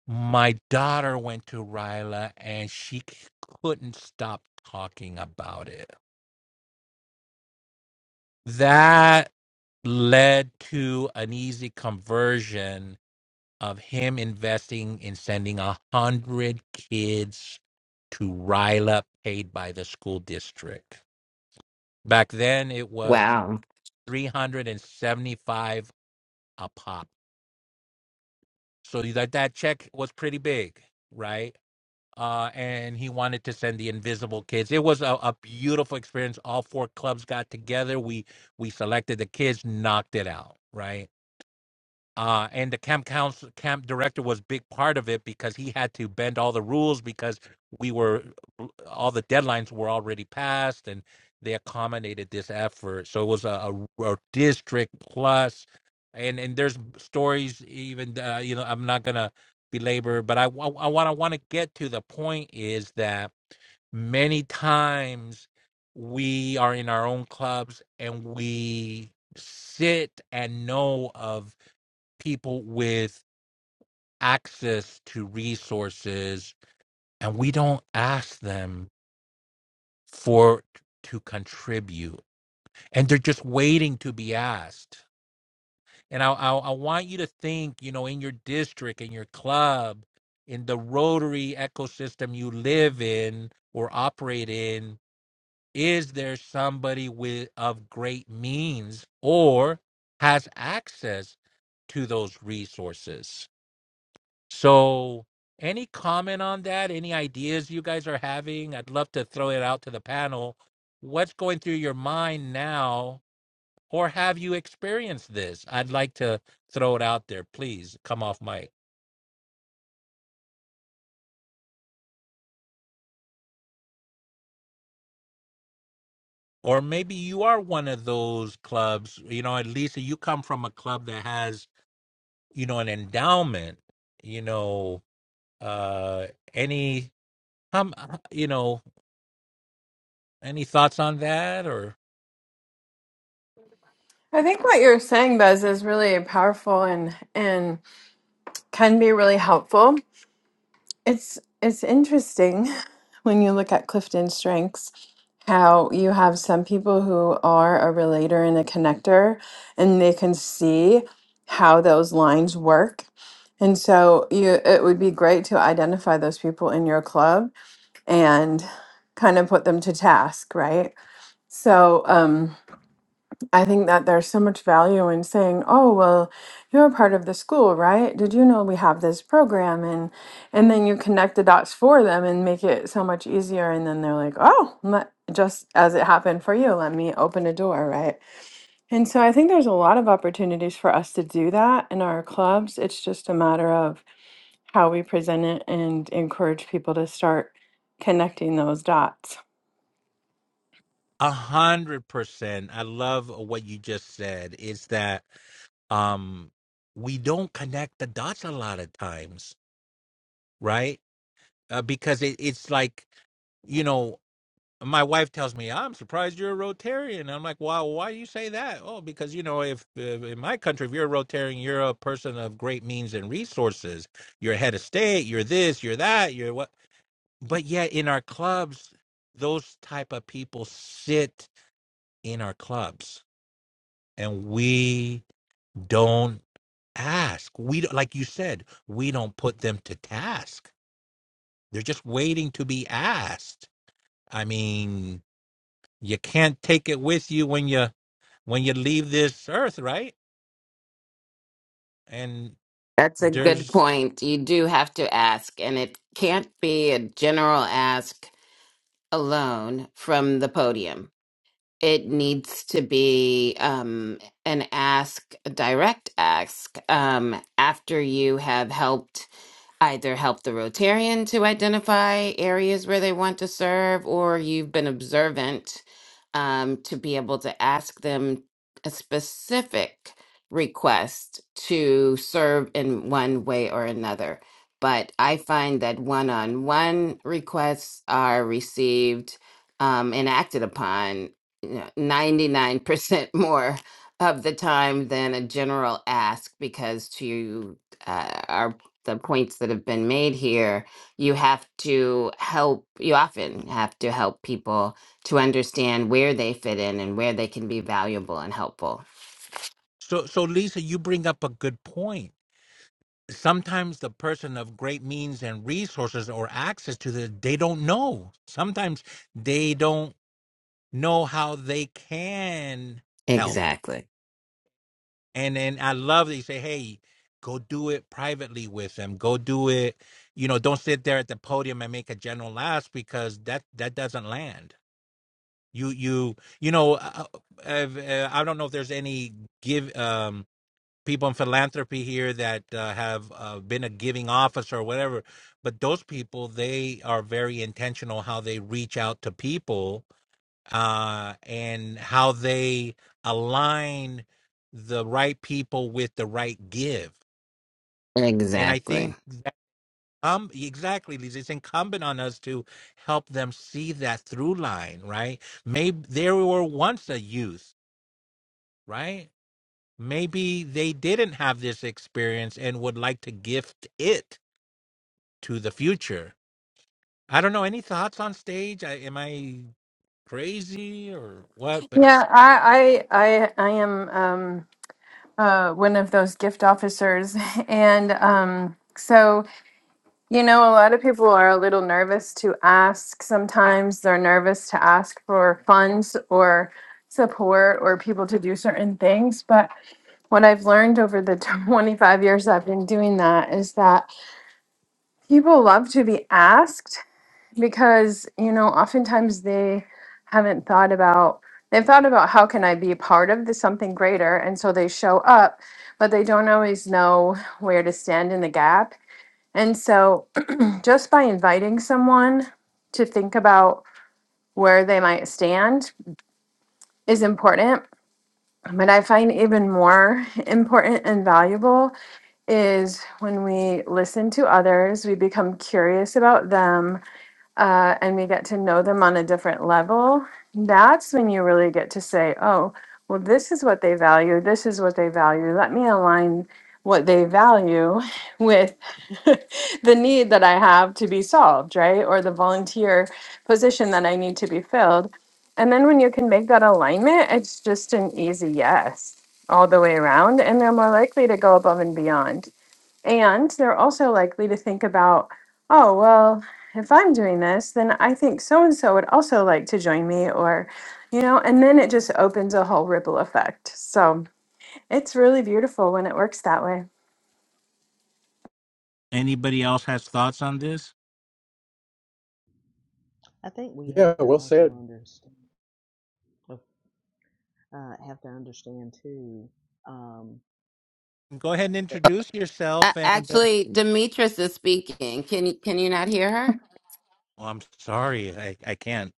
[SPEAKER 1] my daughter went to Ryla and she c- couldn't stop talking about it that led to an easy conversion of him investing in sending a hundred kids to Ryla paid by the school district. Back then it was
[SPEAKER 4] Wow.
[SPEAKER 1] 375 a pop. So that that check was pretty big, right? Uh, and he wanted to send the invisible kids. It was a, a beautiful experience. All four clubs got together. We we selected the kids, knocked it out, right? uh, and the camp council camp director was a big part of it because he had to bend all the rules because we were uh, all the deadlines were already passed and they accommodated this effort so it was a, a, a district plus and and there's stories even uh, you know i'm not gonna belabor but i wa- i want i want to get to the point is that many times we are in our own clubs and we sit and know of people with access to resources and we don't ask them for to contribute and they're just waiting to be asked and I, I i want you to think you know in your district in your club in the rotary ecosystem you live in or operate in is there somebody with of great means or has access to those resources So, any comment on that? Any ideas you guys are having? I'd love to throw it out to the panel. What's going through your mind now, or have you experienced this? I'd like to throw it out there. Please come off mic. Or maybe you are one of those clubs, you know, at least you come from a club that has, you know, an endowment, you know, uh any um, you know, any thoughts on that or
[SPEAKER 5] I think what you're saying, Bez, is really powerful and and can be really helpful. It's it's interesting (laughs) when you look at Clifton Strengths how you have some people who are a relator and a connector and they can see how those lines work. And so you it would be great to identify those people in your club and kind of put them to task, right? So, um I think that there's so much value in saying, "Oh, well, you're a part of the school, right? Did you know we have this program?" and and then you connect the dots for them and make it so much easier. And then they're like, "Oh, let, just as it happened for you, let me open a door, right?" And so I think there's a lot of opportunities for us to do that in our clubs. It's just a matter of how we present it and encourage people to start connecting those dots.
[SPEAKER 1] A hundred percent. I love what you just said. Is that um we don't connect the dots a lot of times, right? Uh, because it, it's like you know, my wife tells me, "I'm surprised you're a Rotarian." I'm like, "Wow, why do you say that?" Oh, because you know, if, if in my country, if you're a Rotarian, you're a person of great means and resources. You're a head of state. You're this. You're that. You're what. But yet, in our clubs, those type of people sit in our clubs and we don't ask. We don't, like you said, we don't put them to task. They're just waiting to be asked. I mean, you can't take it with you when you when you leave this earth, right? And
[SPEAKER 4] That's a good
[SPEAKER 1] there's
[SPEAKER 4] point. You do have to ask, and it can't be a general ask alone from the podium. It needs to be um, an ask, a direct ask, um, after you have helped either help the Rotarian to identify areas where they want to serve, or you've been observant um, to be able to ask them a specific request to serve in one way or another. But I find that one on one requests are received um, and acted upon you know, 99% (laughs) more of the time than a general ask because to uh, our the points that have been made here, you have to help, you often have to help people to understand where they fit in and where they can be valuable and helpful.
[SPEAKER 1] so so Lisa, you bring up a good point. Sometimes the person of great means and resources or access to the they don't know. Sometimes they don't know how they can help
[SPEAKER 4] Exactly.
[SPEAKER 1] And then I love that you say, hey, go do it privately with them. Go do it, you know, don't sit there at the podium and make a general laugh because that that doesn't land. You you you know, uh, uh, I've, uh, I don't know if there's any give um people in philanthropy here that uh, have uh, been a giving officer or whatever, but those people they are very intentional how they reach out to people uh, and how they align the right people with the right give. And I
[SPEAKER 4] Exactly.
[SPEAKER 1] think um exactly, Lisa, it's incumbent on us to help them see that through line, right? Maybe they were once a youth, right? Maybe they didn't have this experience and would like to gift it to the future. I don't know. Any thoughts on stage? I, am I crazy or what? But
[SPEAKER 5] Yeah, I I I, I am. uh, one of those gift officers. (laughs) And um, so, you know, a lot of people are a little nervous to ask. Sometimes they're nervous to ask for funds or support or people to do certain things. But what I've learned over the (laughs) 25 years I've been doing that is that people love to be asked because you know oftentimes they haven't thought about they've thought about how can i be a part of this something greater and so they show up but they don't always know where to stand in the gap and so (clears throat) just by inviting someone to think about where they might stand is important but i find even more important and valuable is when we listen to others we become curious about them uh, and we get to know them on a different level, that's when you really get to say, oh, well, this is what they value. This is what they value. Let me align what they value (laughs) with (laughs) the need that I have to be solved, right? Or the volunteer position that I need to be filled. And then when you can make that alignment, it's just an easy yes all the way around. And they're more likely to go above and beyond. And they're also likely to think about, oh, well, if I'm doing this, then I think so and so would also like to join me, or, you know, and then it just opens a whole ripple effect. So it's really beautiful when it works that way.
[SPEAKER 1] anybody else has thoughts on this?
[SPEAKER 3] I think we
[SPEAKER 2] Yeah,
[SPEAKER 3] have to
[SPEAKER 2] well
[SPEAKER 3] also
[SPEAKER 2] said.
[SPEAKER 3] understand, uh, have to understand too, um,
[SPEAKER 1] Go ahead and
[SPEAKER 3] that.
[SPEAKER 1] introduce
[SPEAKER 4] Uh,
[SPEAKER 1] yourself. And uh,
[SPEAKER 4] actually, Demetrius is speaking. Can you, can you not hear her?
[SPEAKER 1] oh, I'm sorry, I, I can't.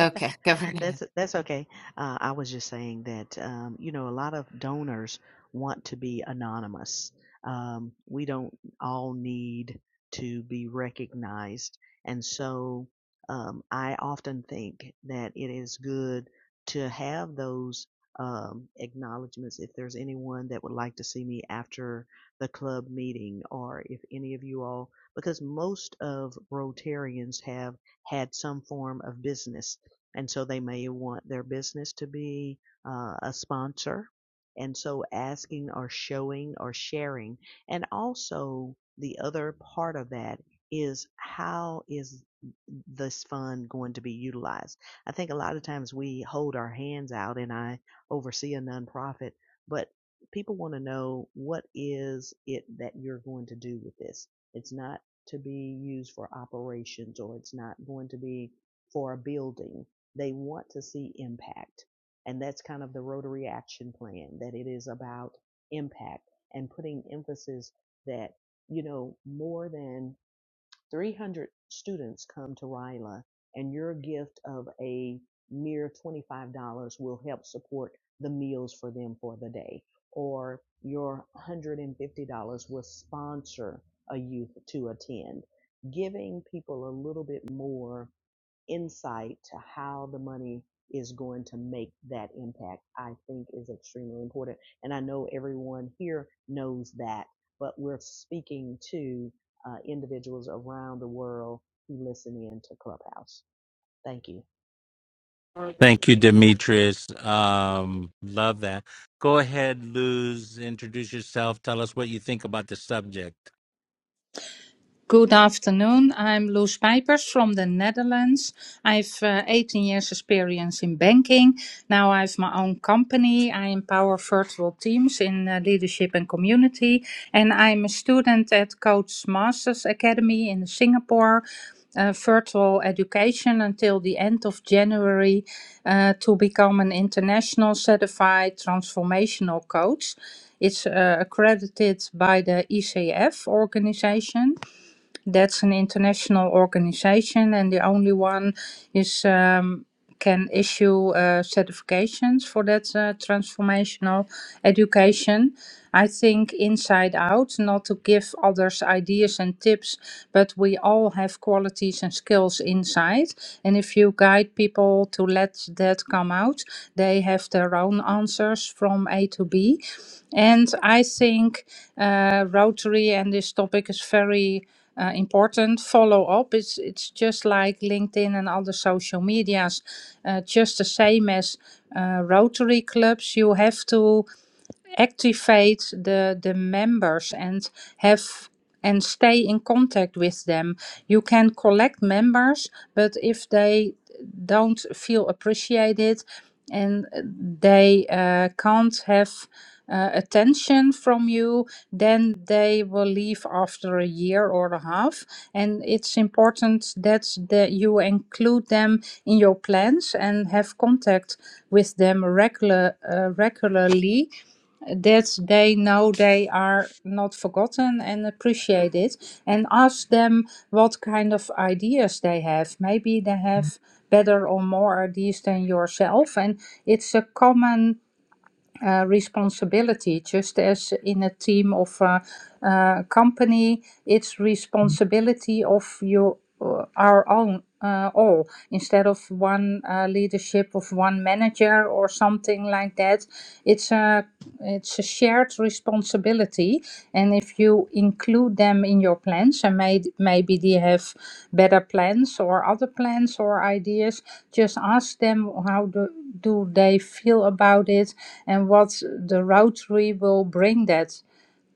[SPEAKER 4] Okay,
[SPEAKER 3] (laughs)
[SPEAKER 4] (laughs) go right ahead.
[SPEAKER 3] That's that's okay. Uh, I was just saying that um, you know a lot of donors want to be anonymous. Um, we don't all need to be recognized, and so um, I often think that it is good to have those um, acknowledgments. If there's anyone that would like to see me after the club meeting, or if any of you all, because most of Rotarians have had some form of business and so they may want their business to be uh, a sponsor. And so asking or showing or sharing. And also, the other part of that is how is this fund going to be utilized? I think a lot of times we hold our hands out, and I oversee a nonprofit, but people want to know what is it that you're going to do with this? It's not to be used for operations or it's not going to be for a building they want to see impact. And that's kind of the Rotary Action Plan, that it is about impact and putting emphasis that, you know, more than 300 students come to RILA and your gift of a mere $25 will help support the meals for them for the day. Or your $150 will sponsor a youth to attend. Giving people a little bit more insight to how the money is going to make that impact, I think is extremely important. And I know everyone here knows that, but we're speaking to uh, individuals around the world who listen in to Clubhouse. Thank you.
[SPEAKER 1] Thank you, Demetrius. Um, love that. Go ahead, Luz. Introduce yourself. Tell us what you think about the subject.
[SPEAKER 6] Good afternoon. I'm Loes Pijpers from the Netherlands. I've uh, 18 years experience in banking. Now I have my own company. I empower virtual teams in uh, leadership and community. And I'm a student at Coach Masters Academy in Singapore. Uh, virtual education until the end of January uh, to become an international certified transformational coach. It's uh, accredited by the ECF organization. That's an international organization, and the only one is um, can issue uh, certifications for that uh, transformational education. I think inside out, not to give others ideas and tips, but we all have qualities and skills inside. And if you guide people to let that come out, they have their own answers from A to B. And I think uh, Rotary and this topic is very uh, important follow up it's it's just like linkedin and other social medias uh, just the same as uh, rotary clubs you have to activate the the members and have and stay in contact with them you can collect members but if they don't feel appreciated and uh, they uh, can't have uh, attention from you then they will leave after a year or a half and it's important that the, you include them in your plans and have contact with them regular uh, regularly that they know they are not forgotten and appreciated and ask them what kind of ideas they have maybe they have better or more ideas than yourself and it's a common uh, responsibility just as in a team of a, uh, uh, company it's responsibility of you uh, our own uh, all instead of one uh, leadership of one manager or something like that it's a it's a it's a shared responsibility. And if you include them in your plans, and may, maybe they have better plans or other plans or ideas, just ask them how do, do they feel about it and what the Rotary will bring that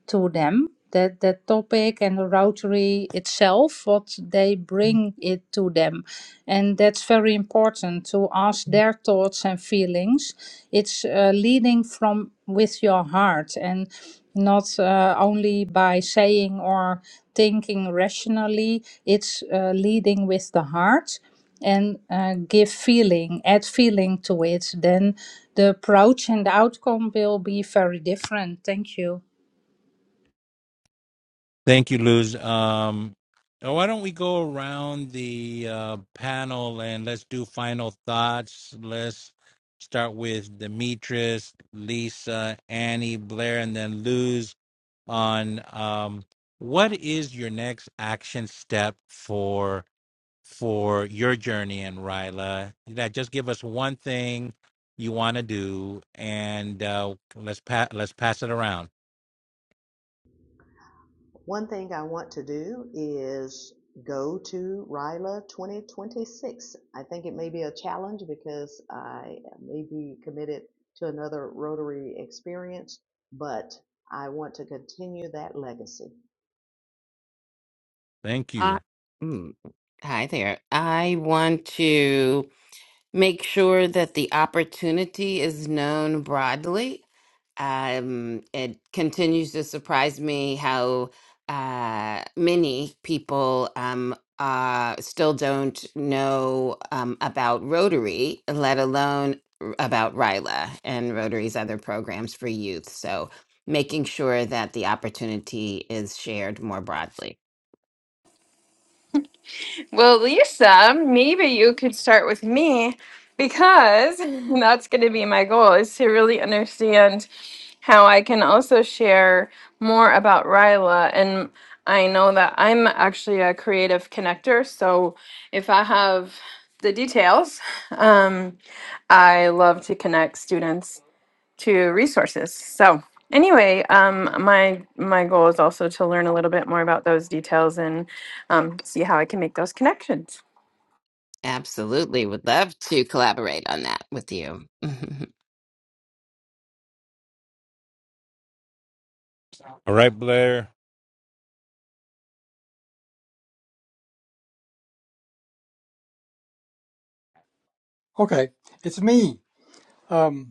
[SPEAKER 6] to them that the topic and the rotary itself what they bring it to them and that's very important to ask their thoughts and feelings it's uh, leading from with your heart and not uh, only by saying or thinking rationally it's uh, leading with the heart and uh, give feeling add feeling to it then the approach and the outcome will be very different thank you
[SPEAKER 1] Thank you, Luz. Um, oh, why don't we go around the uh, panel and let's do final thoughts. Let's start with Demetrius, Lisa, Annie, Blair, and then Luz. on um, what is your next action step for for your journey in Ryla. That just give us one thing you want to do, and uh, let's pa- let's pass it around.
[SPEAKER 3] One thing I want to do is go to RILA 2026. I think it may be a challenge because I may be committed to another Rotary experience, but I want to continue that legacy.
[SPEAKER 1] Thank
[SPEAKER 4] Uh,
[SPEAKER 1] you.
[SPEAKER 4] mm, hi there. I want to. Make sure that the opportunity is known broadly. Um, it continues to surprise me how uh, many people um, uh, still don't know um, about Rotary, let alone r- about RILA and Rotary's other programs for youth. So, making sure that the opportunity is shared more broadly.
[SPEAKER 5] Well, Lisa, maybe you could start with me because (laughs) that's going to be my goal is to really understand how I can also share more about Ryla. And I know that I'm actually a creative connector. So if I have the details, um, I love to connect students to resources. So anyway, um, my my goal is also to learn a little bit more about those details and um, see how I can make those connections.
[SPEAKER 4] Absolutely. Would love to collaborate on that with you. (laughs)
[SPEAKER 1] All right, Blair.
[SPEAKER 2] Okay, it's me. Um,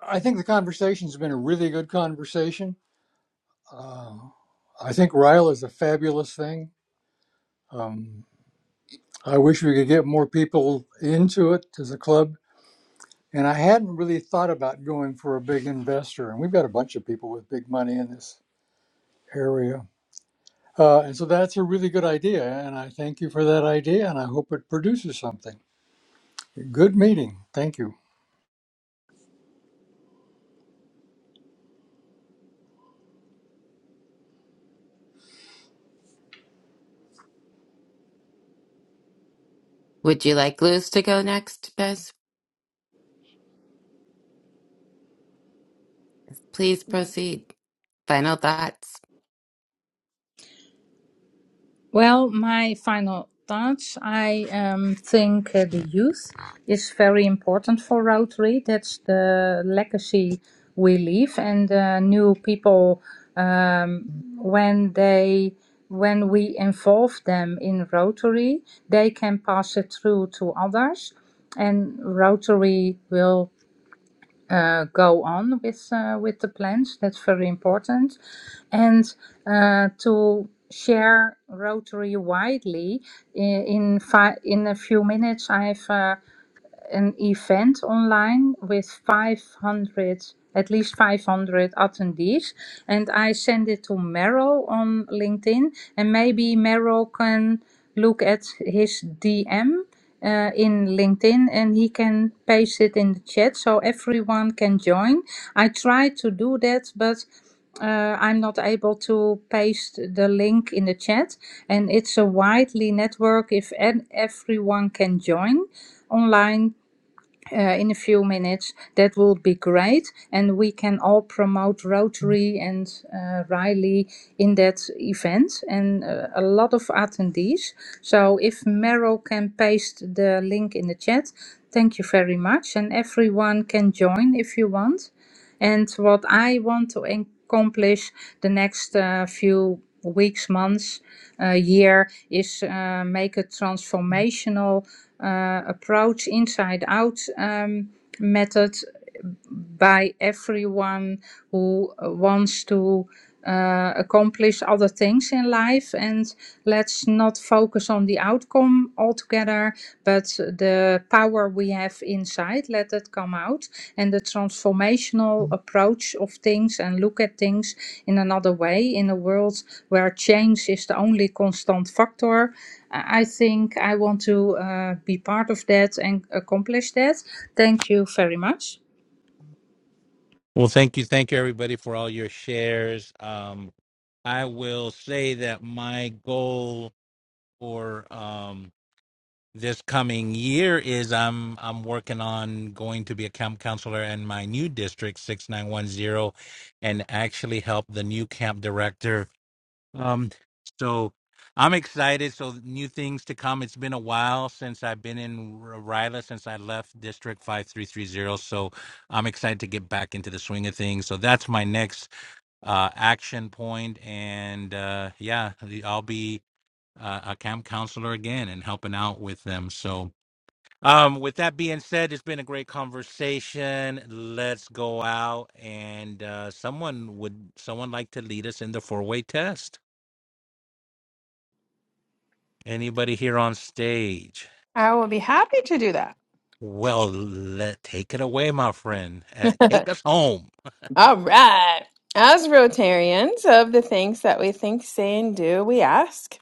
[SPEAKER 2] I think the conversation's been a really good conversation. Uh, I think Ryle is a fabulous thing. Um, I wish we could get more people into it as a club. And I hadn't really thought about going for a big investor. And we've got a bunch of people with big money in this area. Uh, and so that's a really good idea. And I thank you for that idea. And I hope it produces something. Good meeting. Thank you.
[SPEAKER 4] Would you like Luz to go next, Bez? Please proceed. Final thoughts.
[SPEAKER 6] Well, my final thoughts. I um, think uh, the youth is very important for Rotary. That's the legacy we leave, and uh, new people um, when they when we involve them in Rotary, they can pass it through to others, and Rotary will uh, go on with uh, with the plans. That's very important, and uh, to share Rotary widely. In in, fi- in a few minutes, I've uh, an event online with 500 at least 500 attendees and i send it to meryl on linkedin and maybe meryl can look at his dm uh, in linkedin and he can paste it in the chat so everyone can join i try to do that but uh, I'm not able to paste the link in the chat, and it's a widely network if an- everyone can join online uh, in a few minutes. That will be great. And we can all promote Rotary and uh, Riley in that event and uh, a lot of attendees. So if Meryl can paste the link in the chat, thank you very much. And everyone can join if you want. And what I want to accomplish the next uh, few weeks, months, uh, year is uh, make a transformational uh, approach inside out um, method by everyone who uh, wants to uh, accomplish other things in life and let's not focus on the outcome altogether but the power we have inside let that come out and the transformational Mm. approach of things and look at things in another way in a world where change is the only constant factor i I think i want to uh, be part of that and accomplish that thank you very much
[SPEAKER 1] Well, thank you, thank you, everybody, for all your shares. Um, I will say that my goal for um, this coming year is I'm I'm working on going to be a camp counselor in my new district 6910 and actually help the new camp director. Um so I'm excited so new things to come. It's been a while since I've been in R- Ryla since I left district 5330 so I'm excited to get back into the swing of things. So that's my next uh action point and uh yeah, I'll be uh, a camp counselor again and helping out with them. So um, with that being said, it's been a great conversation. Let's go out and uh, someone would someone like to lead us in the four way test? Anybody here on stage?
[SPEAKER 5] I will be happy to do that.
[SPEAKER 1] Well, let take it away, my friend. Uh, take
[SPEAKER 5] (laughs)
[SPEAKER 1] us home.
[SPEAKER 5] All right. As Rotarians of the things that we think, say, and do, we ask: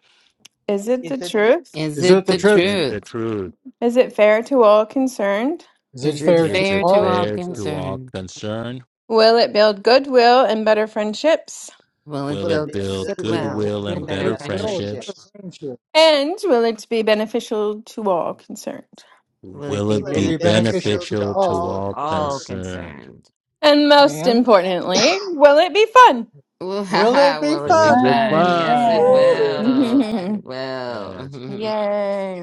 [SPEAKER 5] Is it the
[SPEAKER 3] Is it
[SPEAKER 5] truth?
[SPEAKER 4] Is
[SPEAKER 2] Is it
[SPEAKER 4] it
[SPEAKER 2] the
[SPEAKER 4] the
[SPEAKER 1] Is
[SPEAKER 2] truth?
[SPEAKER 1] it the
[SPEAKER 4] truth?
[SPEAKER 1] truth?
[SPEAKER 5] Is it fair to all concerned?
[SPEAKER 2] Is it
[SPEAKER 4] Is
[SPEAKER 3] is it
[SPEAKER 4] it
[SPEAKER 2] fair
[SPEAKER 3] fair,
[SPEAKER 2] to
[SPEAKER 1] Is
[SPEAKER 4] fair
[SPEAKER 1] it
[SPEAKER 4] to
[SPEAKER 2] all
[SPEAKER 3] Charles?
[SPEAKER 4] all
[SPEAKER 1] fair
[SPEAKER 2] concerned?
[SPEAKER 1] to all
[SPEAKER 4] concerned?
[SPEAKER 1] concerned?
[SPEAKER 5] Will it build goodwill and better friendships?
[SPEAKER 4] Will it
[SPEAKER 1] Will
[SPEAKER 3] Will it
[SPEAKER 1] it
[SPEAKER 4] build
[SPEAKER 3] build
[SPEAKER 1] build
[SPEAKER 4] goodwill
[SPEAKER 3] goodwill
[SPEAKER 2] We'll
[SPEAKER 1] goodwill and
[SPEAKER 4] and
[SPEAKER 2] build
[SPEAKER 3] and
[SPEAKER 4] better
[SPEAKER 1] better
[SPEAKER 3] better
[SPEAKER 4] friendship?
[SPEAKER 2] goodwill and
[SPEAKER 1] friendships?
[SPEAKER 2] better
[SPEAKER 3] friendships?
[SPEAKER 2] friendship.
[SPEAKER 5] And will it be beneficial to all concerned?
[SPEAKER 4] Will it
[SPEAKER 1] Will
[SPEAKER 4] be
[SPEAKER 3] Will
[SPEAKER 1] it
[SPEAKER 2] Will
[SPEAKER 3] it
[SPEAKER 2] it
[SPEAKER 1] be
[SPEAKER 3] be
[SPEAKER 2] be beneficial
[SPEAKER 4] beneficial
[SPEAKER 3] beneficial
[SPEAKER 2] to
[SPEAKER 3] to
[SPEAKER 1] beneficial to
[SPEAKER 2] all
[SPEAKER 4] to
[SPEAKER 3] all
[SPEAKER 1] all
[SPEAKER 2] concerned?
[SPEAKER 4] all
[SPEAKER 3] concerned?
[SPEAKER 1] concerned?
[SPEAKER 4] concerned?
[SPEAKER 5] And most
[SPEAKER 2] And
[SPEAKER 5] importantly, will it be fun?
[SPEAKER 4] Ooh, (laughs) ha,
[SPEAKER 2] will it
[SPEAKER 4] ha,
[SPEAKER 2] be
[SPEAKER 4] will it be
[SPEAKER 1] Is
[SPEAKER 2] fun?
[SPEAKER 1] it
[SPEAKER 4] fun? Yes,
[SPEAKER 1] fun?
[SPEAKER 4] it
[SPEAKER 2] Woo!
[SPEAKER 1] Yes.
[SPEAKER 4] will.
[SPEAKER 5] (laughs)
[SPEAKER 4] It
[SPEAKER 1] Yes.
[SPEAKER 4] will.
[SPEAKER 5] Yay.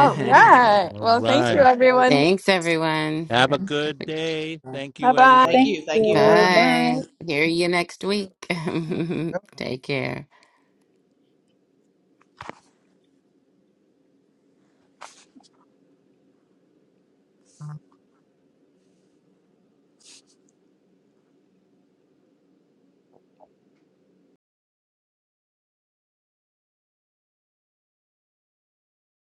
[SPEAKER 2] Good meeting.
[SPEAKER 5] right.
[SPEAKER 1] All
[SPEAKER 5] Well, thank you,
[SPEAKER 1] right.
[SPEAKER 2] Thanks, guys.
[SPEAKER 5] everyone.
[SPEAKER 4] Thanks, everyone.
[SPEAKER 1] Have a good day.
[SPEAKER 2] Bye
[SPEAKER 1] Thank
[SPEAKER 5] Bye
[SPEAKER 1] you,
[SPEAKER 5] bye.
[SPEAKER 3] Thank
[SPEAKER 1] everybody.
[SPEAKER 6] thank
[SPEAKER 3] you, thank you,
[SPEAKER 1] Bye.
[SPEAKER 6] you
[SPEAKER 2] bye.
[SPEAKER 3] thank you.
[SPEAKER 6] bye
[SPEAKER 4] Bye. Hear you next week. (laughs) Take care.